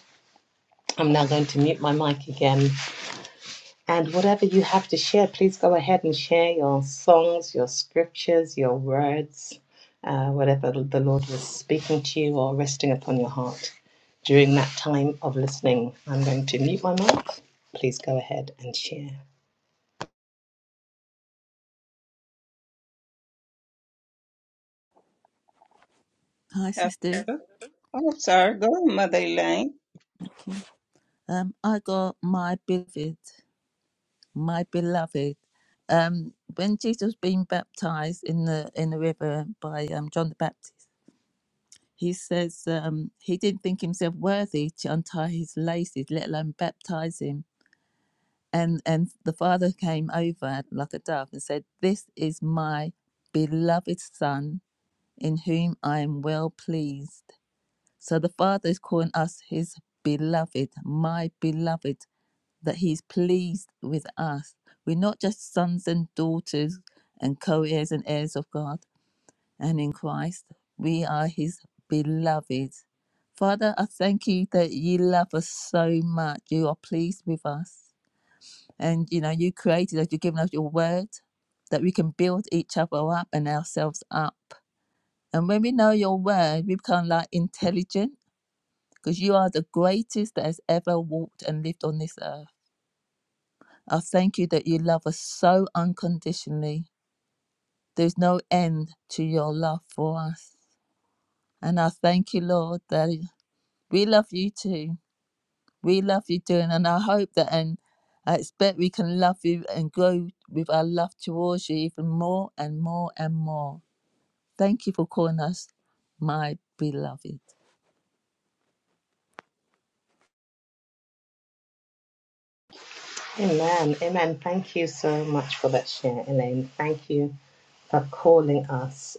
B: I'm now going to mute my mic again. And whatever you have to share, please go ahead and share your songs, your scriptures, your words, uh, whatever the Lord was speaking to you or resting upon your heart during that time of listening. I'm going to mute my mic. Please go ahead and share.
D: sister.
A: Oh, sorry, go, on, Mother Elaine.
D: Um, I got my beloved, my beloved. Um, when Jesus being baptized in the in the river by um John the Baptist. He says um, he didn't think himself worthy to untie his laces, let alone baptize him. And and the father came over like a dove and said, "This is my beloved son, in whom I am well pleased." So the father is calling us his beloved, my beloved, that he's pleased with us. We're not just sons and daughters and co-heirs and heirs of God and in Christ we are his beloved. Father, I thank you that you love us so much. You are pleased with us. And you know, you created us, you've given us your word that we can build each other up and ourselves up. And when we know your word, we become like intelligent because you are the greatest that has ever walked and lived on this earth. I thank you that you love us so unconditionally. There's no end to your love for us. And I thank you, Lord, that We love you too. We love you too. And I hope that and I expect we can love you and grow with our love towards you even more and more and more. Thank you for calling us my beloved.
B: Amen, amen. Thank you so much for that share, Elaine. Thank you for calling us.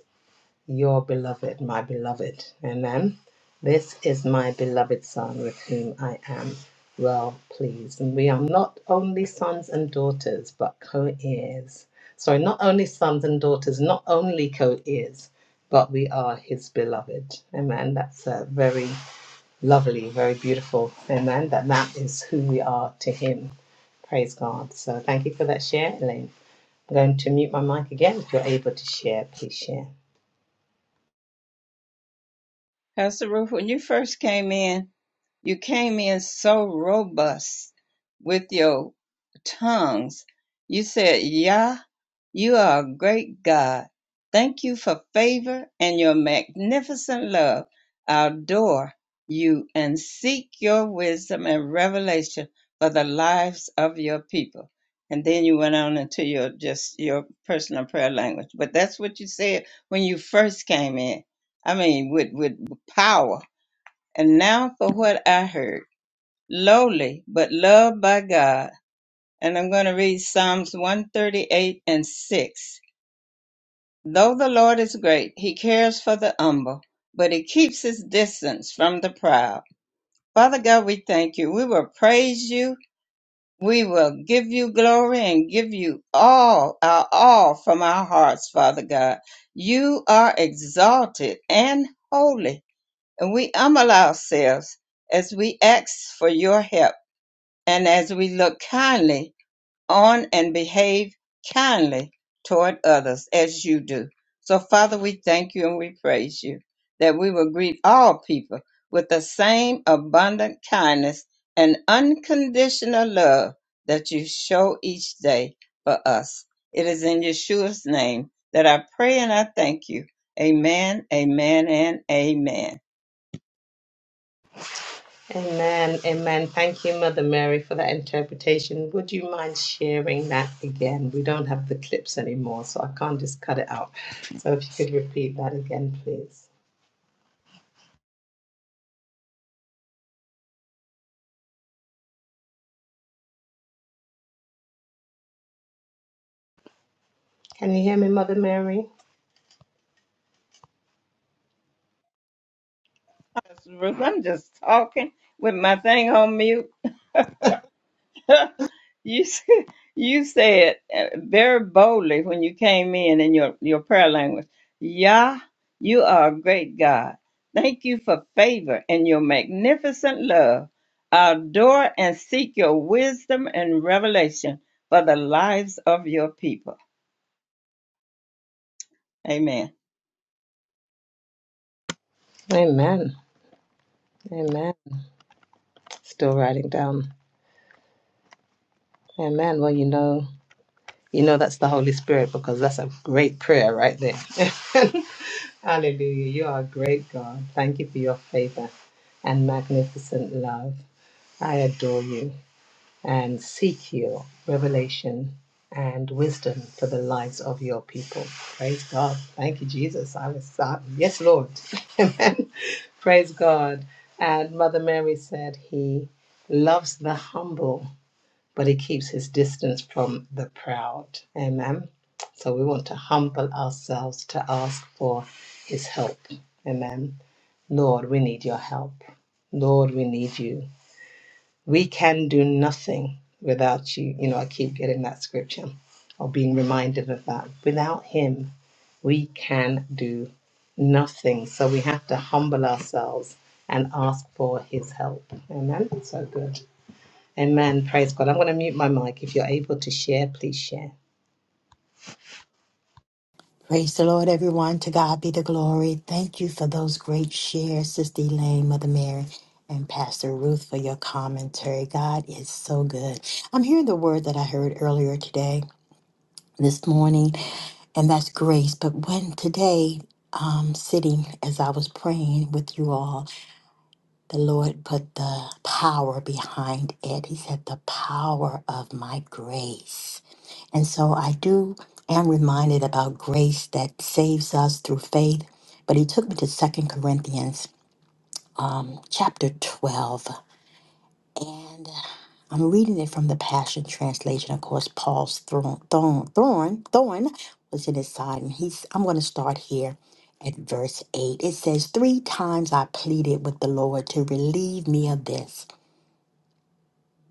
B: your beloved, my beloved. Amen. This is my beloved Son with whom I am well pleased. And we are not only sons and daughters, but co heirs. Sorry, not only sons and daughters, not only co heirs, but we are his beloved. Amen. That's a very lovely, very beautiful. Amen. That that is who we are to him. Praise God. So thank you for that share, Elaine. I'm going to mute my mic again. If you're able to share, please share.
A: Pastor Ruth, when you first came in, you came in so robust with your tongues. You said, Yah, you are a great God. Thank you for favor and your magnificent love. I adore you and seek your wisdom and revelation for the lives of your people. And then you went on into your just your personal prayer language. But that's what you said when you first came in. I mean, with with power. And now for what I heard. Lowly, but loved by God. And I'm going to read Psalms 138 and 6. Though the Lord is great, he cares for the humble, but he keeps his distance from the proud. Father God, we thank you. We will praise you. We will give you glory and give you all our all from our hearts, Father God. You are exalted and holy and we humble ourselves as we ask for your help and as we look kindly on and behave kindly toward others as you do. So, Father, we thank you and we praise you that we will greet all people with the same abundant kindness and unconditional love that you show each day for us. It is in Yeshua's name that I pray and I thank you. Amen, amen, and amen.
B: Amen. Amen. Thank you, Mother Mary, for that interpretation. Would you mind sharing that again? We don't have the clips anymore, so I can't just cut it out. So if you could repeat that again, please. Can you hear me, Mother Mary?
A: I'm just talking with my thing on mute. you s- you said uh, very boldly when you came in in your your prayer language, Yah, you are a great God. Thank you for favor and your magnificent love. Adore and seek your wisdom and revelation for the lives of your people. Amen.
B: Amen. Amen. Still writing down. Amen. Well, you know, you know that's the Holy Spirit because that's a great prayer right there. Hallelujah. You are a great God. Thank you for your favor and magnificent love. I adore you. and seek your revelation and wisdom for the lives of your people. Praise God. Thank you, Jesus. I was sorry. Yes, Lord. Amen. Praise God. And Mother Mary said, He loves the humble, but He keeps His distance from the proud. Amen. So we want to humble ourselves to ask for His help. Amen. Lord, we need your help. Lord, we need you we can do nothing without you. You know, I keep getting that scripture or being reminded of that. Without Him, we can do nothing. So we have to humble ourselves and ask for His help. Amen. So good. Amen. Praise God. I'm going to mute my mic. If you're able to share, please share.
C: Praise the Lord, everyone. To God be the glory. Thank you for those great shares, Sister Elaine, Mother Mary, and Pastor Ruth for your commentary. God is so good. I'm hearing the word that I heard earlier today, this morning, and that's grace. But when today, um, sitting as I was praying with you all, the Lord put the power behind it. He said, The power of my grace. And so I do am reminded about grace that saves us through faith. But he took me to Second Corinthians um, chapter 12. And uh, I'm reading it from the Passion Translation. Of course, Paul's thorn, thorn, thorn, thorn was in his side. And he's, I'm going to start here at verse 8. It says, Three times I pleaded with the Lord to relieve me of this.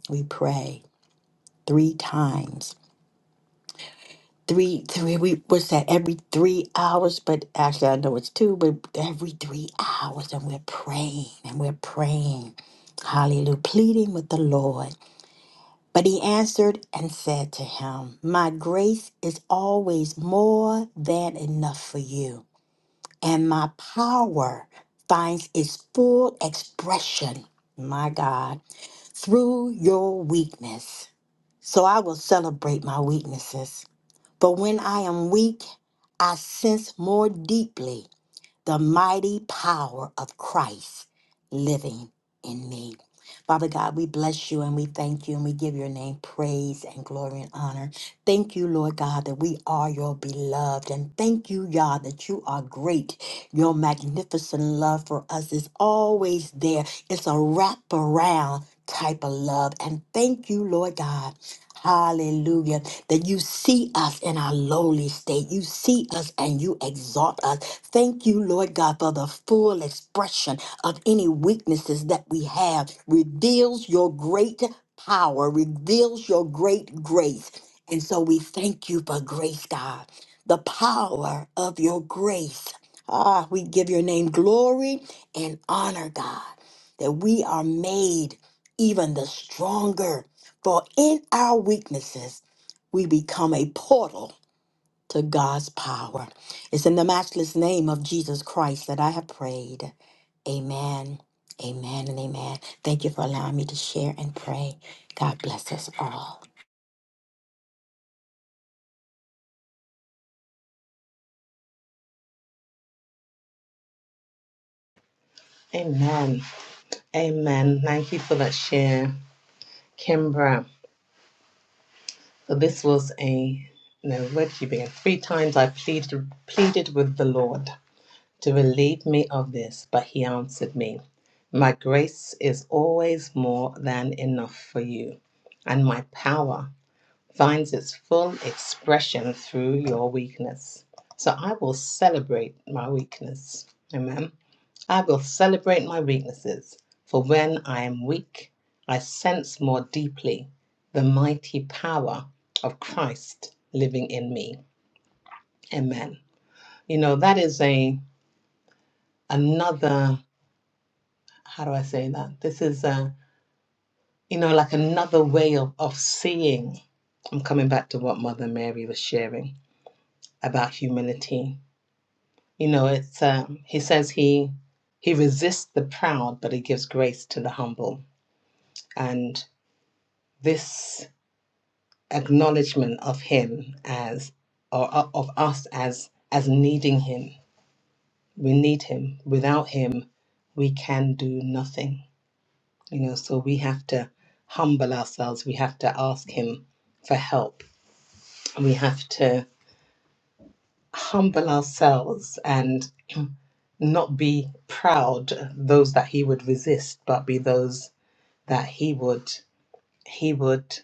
C: We pray three times. Three, three, we, what's that, every three hours? But actually, I know it's two, but every three hours. And we're praying and we're praying. Hallelujah. Pleading with the Lord. But he answered and said to him, My grace is always more than enough for you, and my power finds its full expression, my God, through your weakness. So I will celebrate my weaknesses. For when I am weak, I sense more deeply the mighty power of Christ living in me. Father God, we bless you and we thank you and we give your name praise and glory and honor. Thank you, Lord God, that we are your beloved. And thank you, God, that you are great. Your magnificent love for us is always there. It's a wraparound type of love. And thank you, Lord God. Hallelujah. That you see us in our lowly state. You see us and you exalt us. Thank you, Lord God, for the full expression of any weaknesses that we have. Reveals your great power, reveals your great grace. And so we thank you for grace, God, the power of your grace. Ah, we give your name glory and honor, God, that we are made even the stronger for in our weaknesses, we become a portal to God's power. It's in the matchless name of Jesus Christ that I have prayed. Amen, amen, and amen. Thank you for allowing me to share and pray. God bless us all.
B: Amen. Amen. Thank you for that share, Kimbra. So this was a no. Where did you begin? Three times I pleaded pleaded with the Lord to relieve me of this. But he answered me, My grace is always more than enough for you, and my power finds its full expression through your weakness. So I will celebrate my weakness. Amen. I will celebrate my weaknesses, for when I am weak, I sense more deeply the mighty power of Christ living in me. Amen. You know, that is a another how do I say that? This is, uh, you know, like another way of, of seeing. I'm coming back to what Mother Mary was sharing about humility. You know, it's um, he says he he resists the proud, but he gives grace to the humble. And this acknowledgement of him as, or uh, of us as as needing him, we need him. Without him, we can do nothing you know so we have to humble ourselves we have to ask him for help we have to humble ourselves and not be proud those that he would resist but be those that he would he would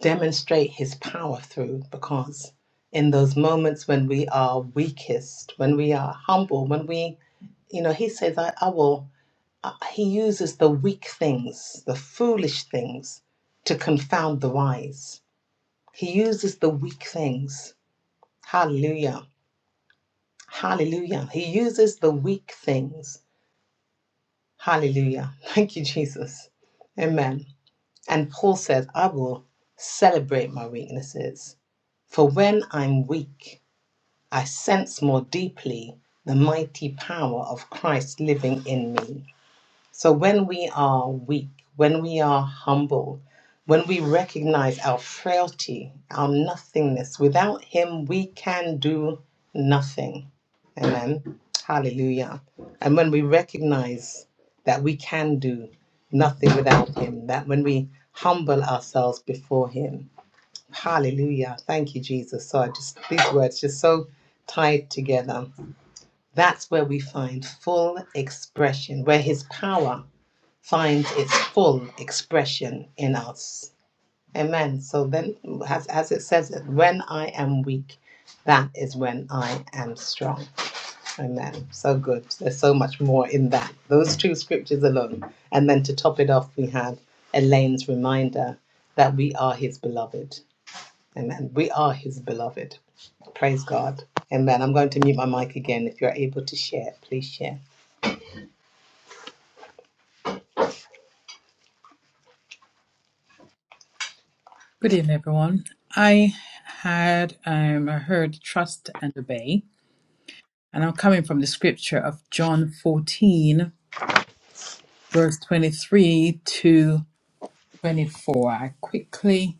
B: demonstrate his power through because in those moments when we are weakest when we are humble when we you know he says i, I will Uh, he uses the weak things, the foolish things, to confound the wise. He uses the weak things. Hallelujah. Hallelujah. He uses the weak things. Hallelujah. Thank you, Jesus. Amen. And Paul says, I will celebrate my weaknesses, for when I'm weak, I sense more deeply the mighty power of Christ living in me. So when we are weak, when we are humble, when we recognize our frailty, our nothingness, without Him, we can do nothing. Amen. Hallelujah. And when we recognize that we can do nothing without Him, that when we humble ourselves before Him, hallelujah. Thank you, Jesus. So I just, these words just so tied together. That's where we find full expression, where His power finds its full expression in us. Amen. So then, as, as it says, that when I am weak, that is when I am strong. Amen. So good. There's so much more in that. Those two scriptures alone. And then to top it off, we have Elaine's reminder that we are his beloved. Amen. We are his beloved. Praise God. Amen. I'm going to mute my mic again. If you're able to share, please share.
F: Good evening, everyone. I had um, I heard trust and obey, and I'm coming from the scripture of John 14 verse 23 to 24. I quickly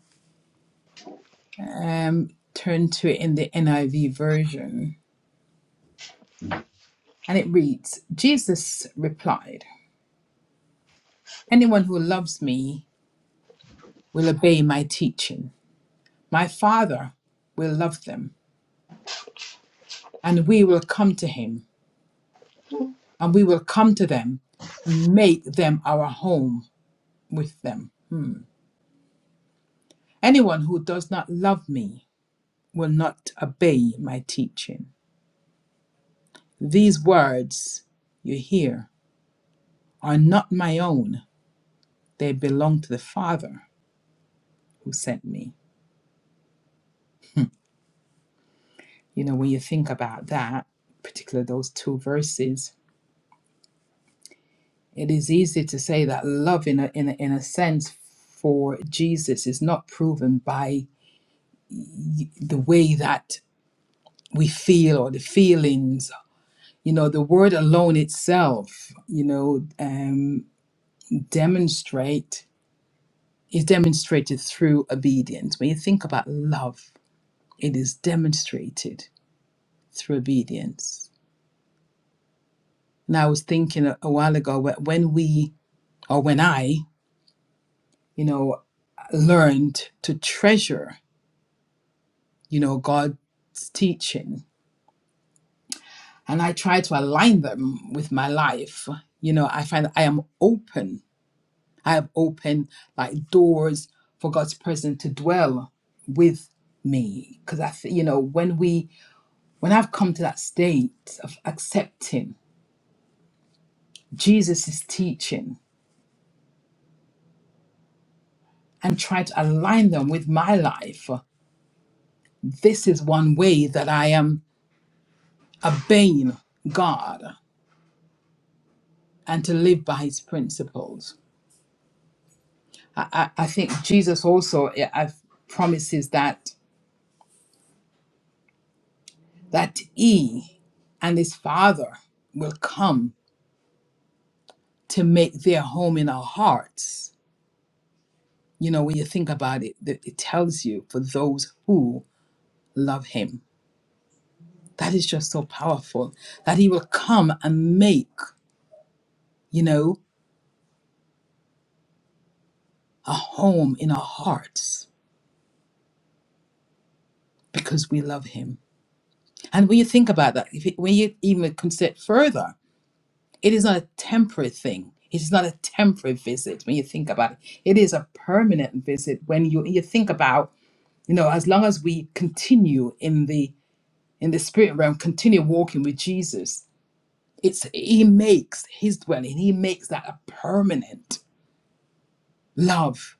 F: um, turn to it in the NIV version. And it reads Jesus replied, Anyone who loves me will obey my teaching. My Father will love them, and we will come to him, and we will come to them and make them our home with them. Hmm. Anyone who does not love me will not obey my teaching. These words you hear are not my own. They belong to the Father who sent me. You know, when you think about that, particularly those two verses, it is easy to say that love, in a, in a, in a sense, for Jesus is not proven by the way that we feel or the feelings. You know, the word alone itself, you know, um, demonstrate is demonstrated through obedience. When you think about love, it is demonstrated through obedience Now, I was thinking a, a while ago wh- when we, or when I, you know, learned to treasure, you know, God's teaching and I try to align them with my life, you know, I find that I am open. I have open like doors for God's presence to dwell with me because I, th- you know, when we, when I've come to that state of accepting Jesus' teaching and try to align them with my life, this is one way that I am obeying God and to live by his principles. I, I, I think Jesus also yeah, I- promises that that he and his father will come to make their home in our hearts. You know, when you think about it, that it tells you for those who love him. That is just so powerful that he will come and make, you know, a home in our hearts because we love him. And when you think about that, if it, when you even consider it further, it is not a temporary thing. It is not a temporary visit when you think about it. It is a permanent visit when you you think about, you know, as long as we continue in the in the spirit realm, continue walking with Jesus, it's he makes his dwelling, he makes that a permanent love.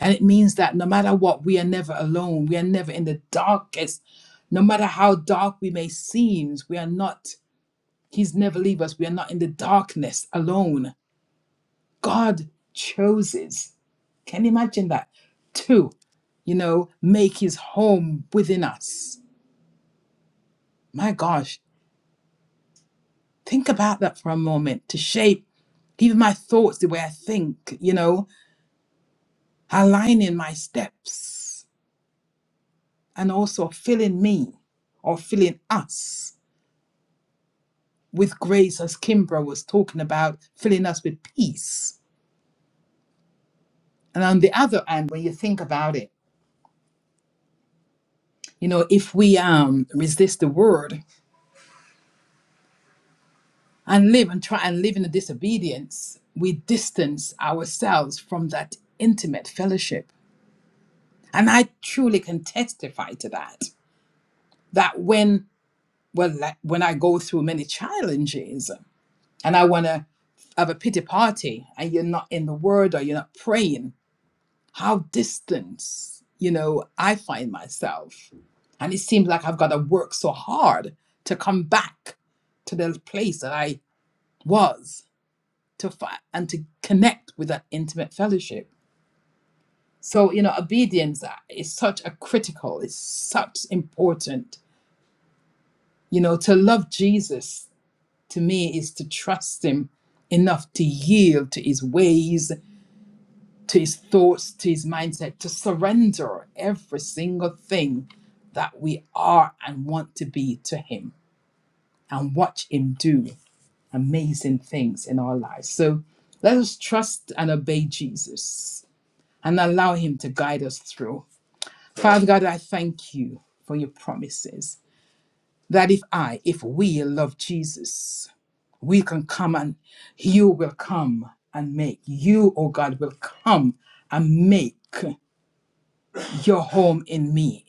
F: And it means that no matter what, we are never alone. We are never in the darkest. No matter how dark we may seem, we are not He's never leave us. We are not in the darkness alone. God chooses. Can you imagine that? To, you know, make his home within us. My gosh, think about that for a moment to shape even my thoughts, the way I think, you know, aligning my steps and also filling me or filling us with grace, as Kimbra was talking about, filling us with peace. And on the other hand, when you think about it, You know, if we um, resist the word and live and try and live in the disobedience, we distance ourselves from that intimate fellowship. And I truly can testify to that. That when well, like, when I go through many challenges and I want to have a pity party, and you're not in the word or you're not praying, how distant, you know, I find myself. And it seems like I've got to work so hard to come back to the place that I was to fight and to connect with that intimate fellowship. So, you know, obedience is such a critical, it's such important. You know, to love Jesus to me is to trust him enough to yield to his ways, to his thoughts, to his mindset, to surrender every single thing that we are and want to be to him and watch him do amazing things in our lives. So let us trust and obey Jesus and allow Him to guide us through. Father God, I thank you for your promises that if I, if we love Jesus, we can come and you will come and make. You, oh God, will come and make your home in me,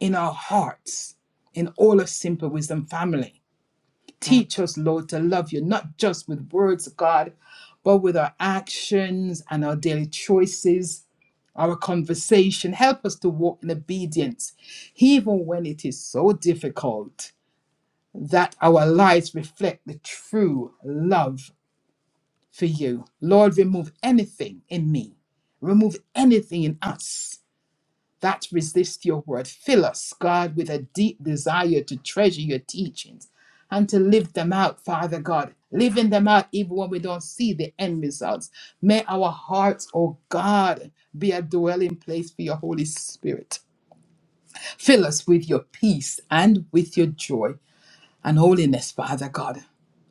F: in our hearts, in all of Simple Wisdom family. Teach us, Lord, to love you, not just with words, God, but with our actions and our daily choices, our conversation. Help us to walk in obedience, even when it is so difficult, that our lives reflect the true love for you. Lord, remove anything in me, remove anything in us that resist your word. Fill us, God, with a deep desire to treasure your teachings and to live them out, Father God. Living them out even when we don't see the end results. May our hearts, oh God, be a dwelling place for your Holy Spirit. Fill us with your peace and with your joy and holiness, Father God.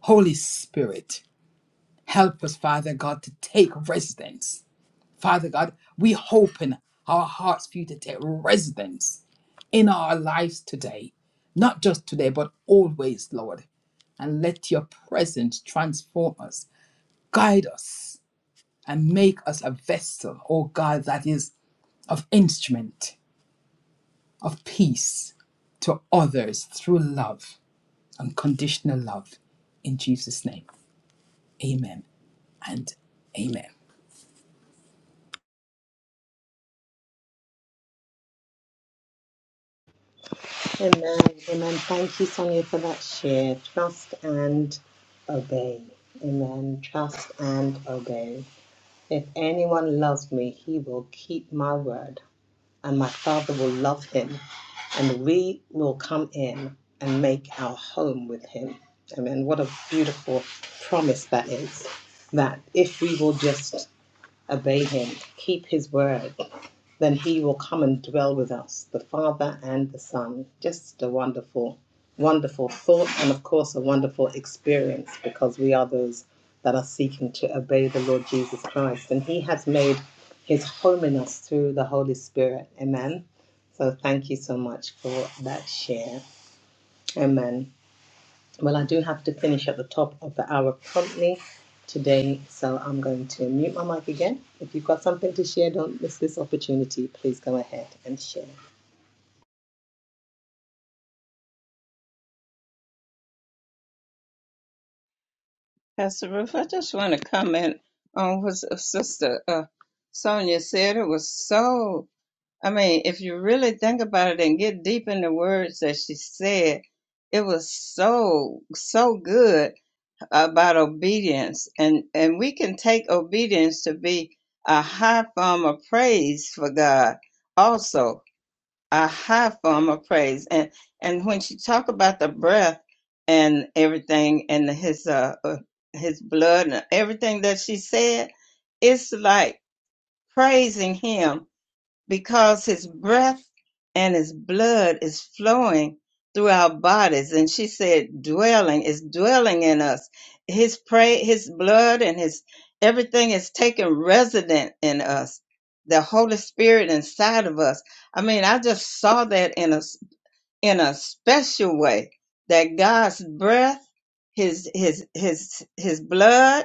F: Holy Spirit, help us, Father God, to take residence. Father God, we open our hearts for you to take residence in our lives today, not just today, but always, Lord. And let your presence transform us, guide us, and make us a vessel, oh God, that is of instrument, of peace to others through love, unconditional love. In Jesus' name, amen and amen.
B: Amen. Amen. Thank you, Sonia, for that share. Trust and obey. Amen. Trust and obey. If anyone loves me, he will keep my word, and my Father will love him, and we will come in and make our home with him. Amen. What a beautiful promise that is. That if we will just obey him, keep his word, then he will come and dwell with us, the Father and the Son. Just a wonderful, wonderful thought, and of course, a wonderful experience because we are those that are seeking to obey the Lord Jesus Christ. And he has made his home in us through the Holy Spirit. Amen. So thank you so much for that share. Amen. Well, I do have to finish at the top of the hour promptly today, so I'm going to mute my mic again. If you've got something to share, don't miss this opportunity. Please go ahead and share.
A: Pastor Ruth, I just want to comment on what Sister uh, Sonia said. It was so I mean, if you really think about it and get deep in the words that she said, it was so so good about obedience, and and we can take obedience to be a high form of praise for God, also a high form of praise. And and when she talked about the breath and everything, and his uh uh, his blood and everything that she said, it's like praising Him because his breath and his blood is flowing through our bodies and she said dwelling is dwelling in us his pray his blood and his everything is taken resident in us the holy spirit inside of us i mean i just saw that in a in a special way that god's breath his his his his blood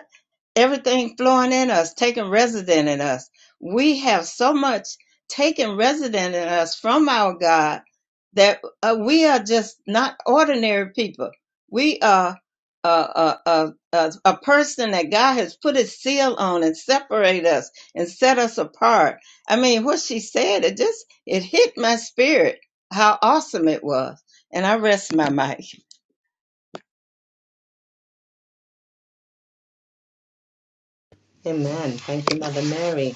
A: everything flowing in us, taking resident in us. We have so much taken resident in us from our God that uh, we are just not ordinary people. We are a, a, a, a, a person that God has put his seal on and separate us and set us apart. I mean, what she said, it just, it hit my spirit how awesome it was. And I rest my mic.
B: Amen. Thank you, Mother Mary.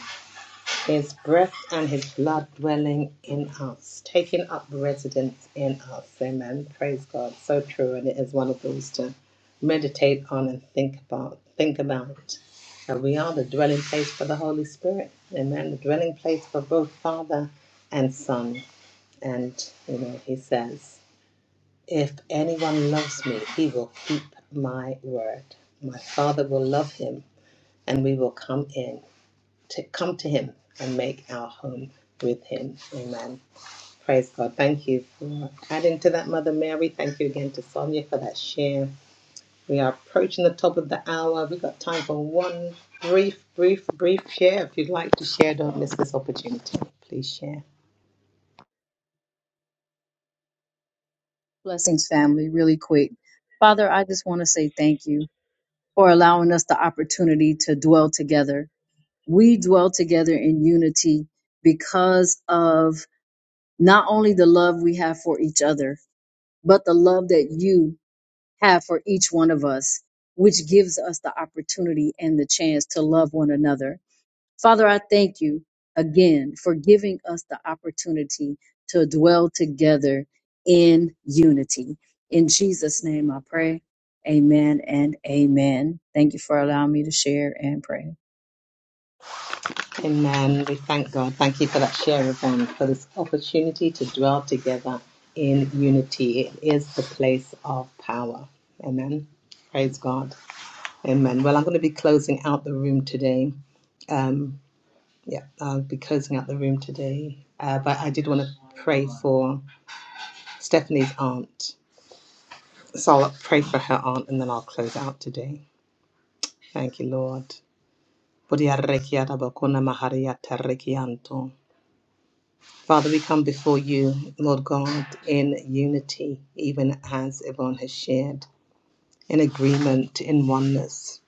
B: His breath and his blood dwelling in us, taking up residence in us. Amen. Praise God. So true. And it is one of those to meditate on and think about. Think about. That we are the dwelling place for the Holy Spirit. Amen. The dwelling place for both Father and Son. And, you know, he says, If anyone loves me, he will keep my word. My Father will love him, and we will come in to come to Him and make our home with Him. Amen. Praise God. Thank you for adding to that, Mother Mary. Thank you again to Sonia for that share. We are approaching the top of the hour. We've got time for one brief, brief, brief share. If you'd like to share, don't miss this opportunity. Please share.
G: Blessings, family, really quick. Father, I just want to say thank you for allowing us the opportunity to dwell together. We dwell together in unity because of not only the love we have for each other, but the love that you have for each one of us, which gives us the opportunity and the chance to love one another. Father, I thank you again for giving us the opportunity to dwell together in unity. In Jesus' name I pray. Amen and amen. Thank you for allowing me to share and pray.
B: Amen. We thank God. Thank you for that share, Yvonne, for this opportunity to dwell together in unity. It is the place of power. Amen. Praise God. Amen. Well, I'm going to be closing out the room today. Um, yeah, I'll be closing out the room today. Uh, but I did want to pray for Stephanie's aunt. So I'll pray for her aunt and then I'll close out today. Thank you, Lord. Father, we come before you, Lord God, in unity, even as Yvonne has shared, in agreement, in oneness.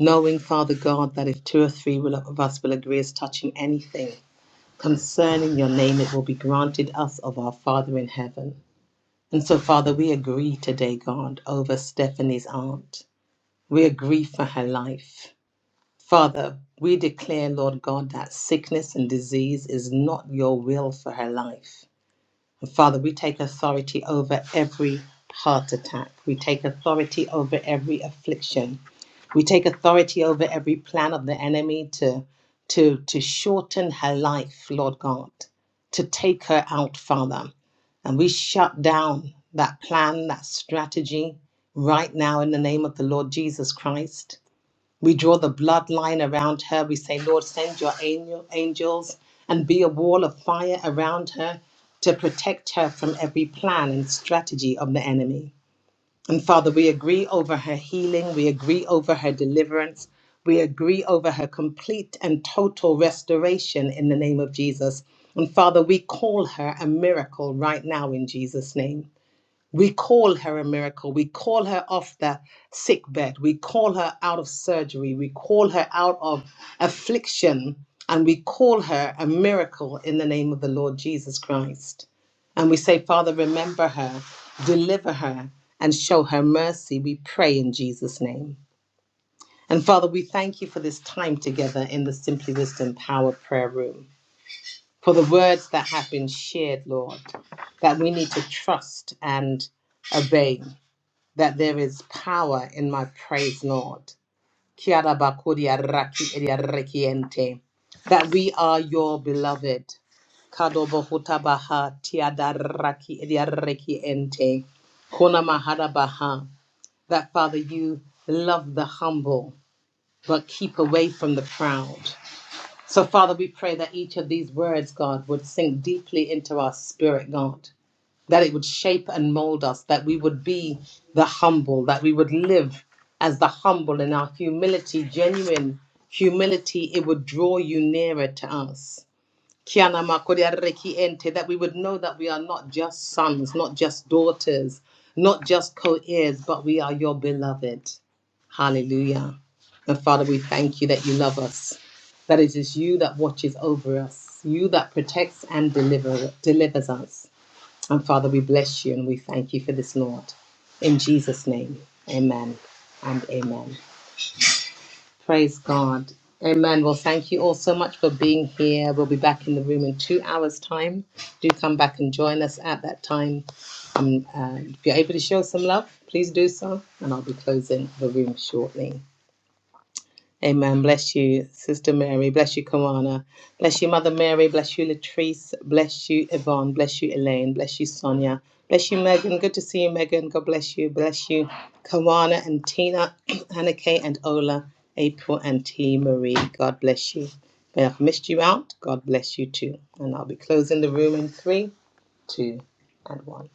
B: Knowing, Father God, that if two or three will- of us will agree as touching anything, Concerning your name, it will be granted us of our Father in heaven. And so, Father, we agree today, God, over Stephanie's aunt. We agree for her life. Father, we declare, Lord God, that sickness and disease is not your will for her life. Father, we take authority over every heart attack. We take authority over every affliction. We take authority over every plan of the enemy to, to, to shorten her life, Lord God, to take her out, Father. And we shut down that plan, that strategy right now in the name of the Lord Jesus Christ. We draw the bloodline around her. We say, Lord, send your angel, angels and be a wall of fire around her to protect her from every plan and strategy of the enemy. And Father, we agree over her healing. We agree over her deliverance. We agree over her complete and total restoration in the name of Jesus. And Father, we call her a miracle right now in Jesus' name. We call her a miracle. We call her off the sick bed. We call her out of surgery. We call her out of affliction. And we call her a miracle in the name of the Lord Jesus Christ. And we say, Father, remember her, deliver her, and show her mercy. We pray in Jesus' name. And Father, we thank you for this time together in the Simply Wisdom Power Prayer Room, for the words that have been shared, Lord, that we need to trust and obey that there is power in my praise, Lord. Kia ra ba koria raki eria rekiente. That we are your beloved. Kado bo huta raki eria rekiente. Kona mahara baha. That Father, you love the humble, but keep away from the proud. So, Father, we pray that each of these words, God, would sink deeply into our spirit, God that it would shape and mold us, that we would be the humble, that we would live as the humble in our humility, genuine humility, it would draw you nearer to us. Kiana makoriare ki ente, That we would know that we are not just sons, not just daughters, not just co heirs, but we are your beloved. Hallelujah. And Father, we thank you that you love us, that it is you that watches over us, you that protects and deliver, delivers us. And Father, we bless you and we thank you for this, Lord. In Jesus' name, amen and amen. Praise God. Amen. Well, thank you all so much for being here. We'll be back in the room in two hours' time. Do come back and join us at that time. Um, uh, if you're able to show some love, please do so. And I'll be closing the room shortly. Amen. Bless you, Sister Mary. Bless you, Kawana. Bless you, Mother Mary. Bless you, Latrice. Bless you, Yvonne. Bless you, Elaine. Bless you, Sonia. Bless you, Megan. Good to see you, Megan. God bless you. Bless you, Kawana and Tina, Anna Kay and Ola, April and T. Marie. God bless you. May I've missed you out. God bless you too. And I'll be closing the room in three, two, and one.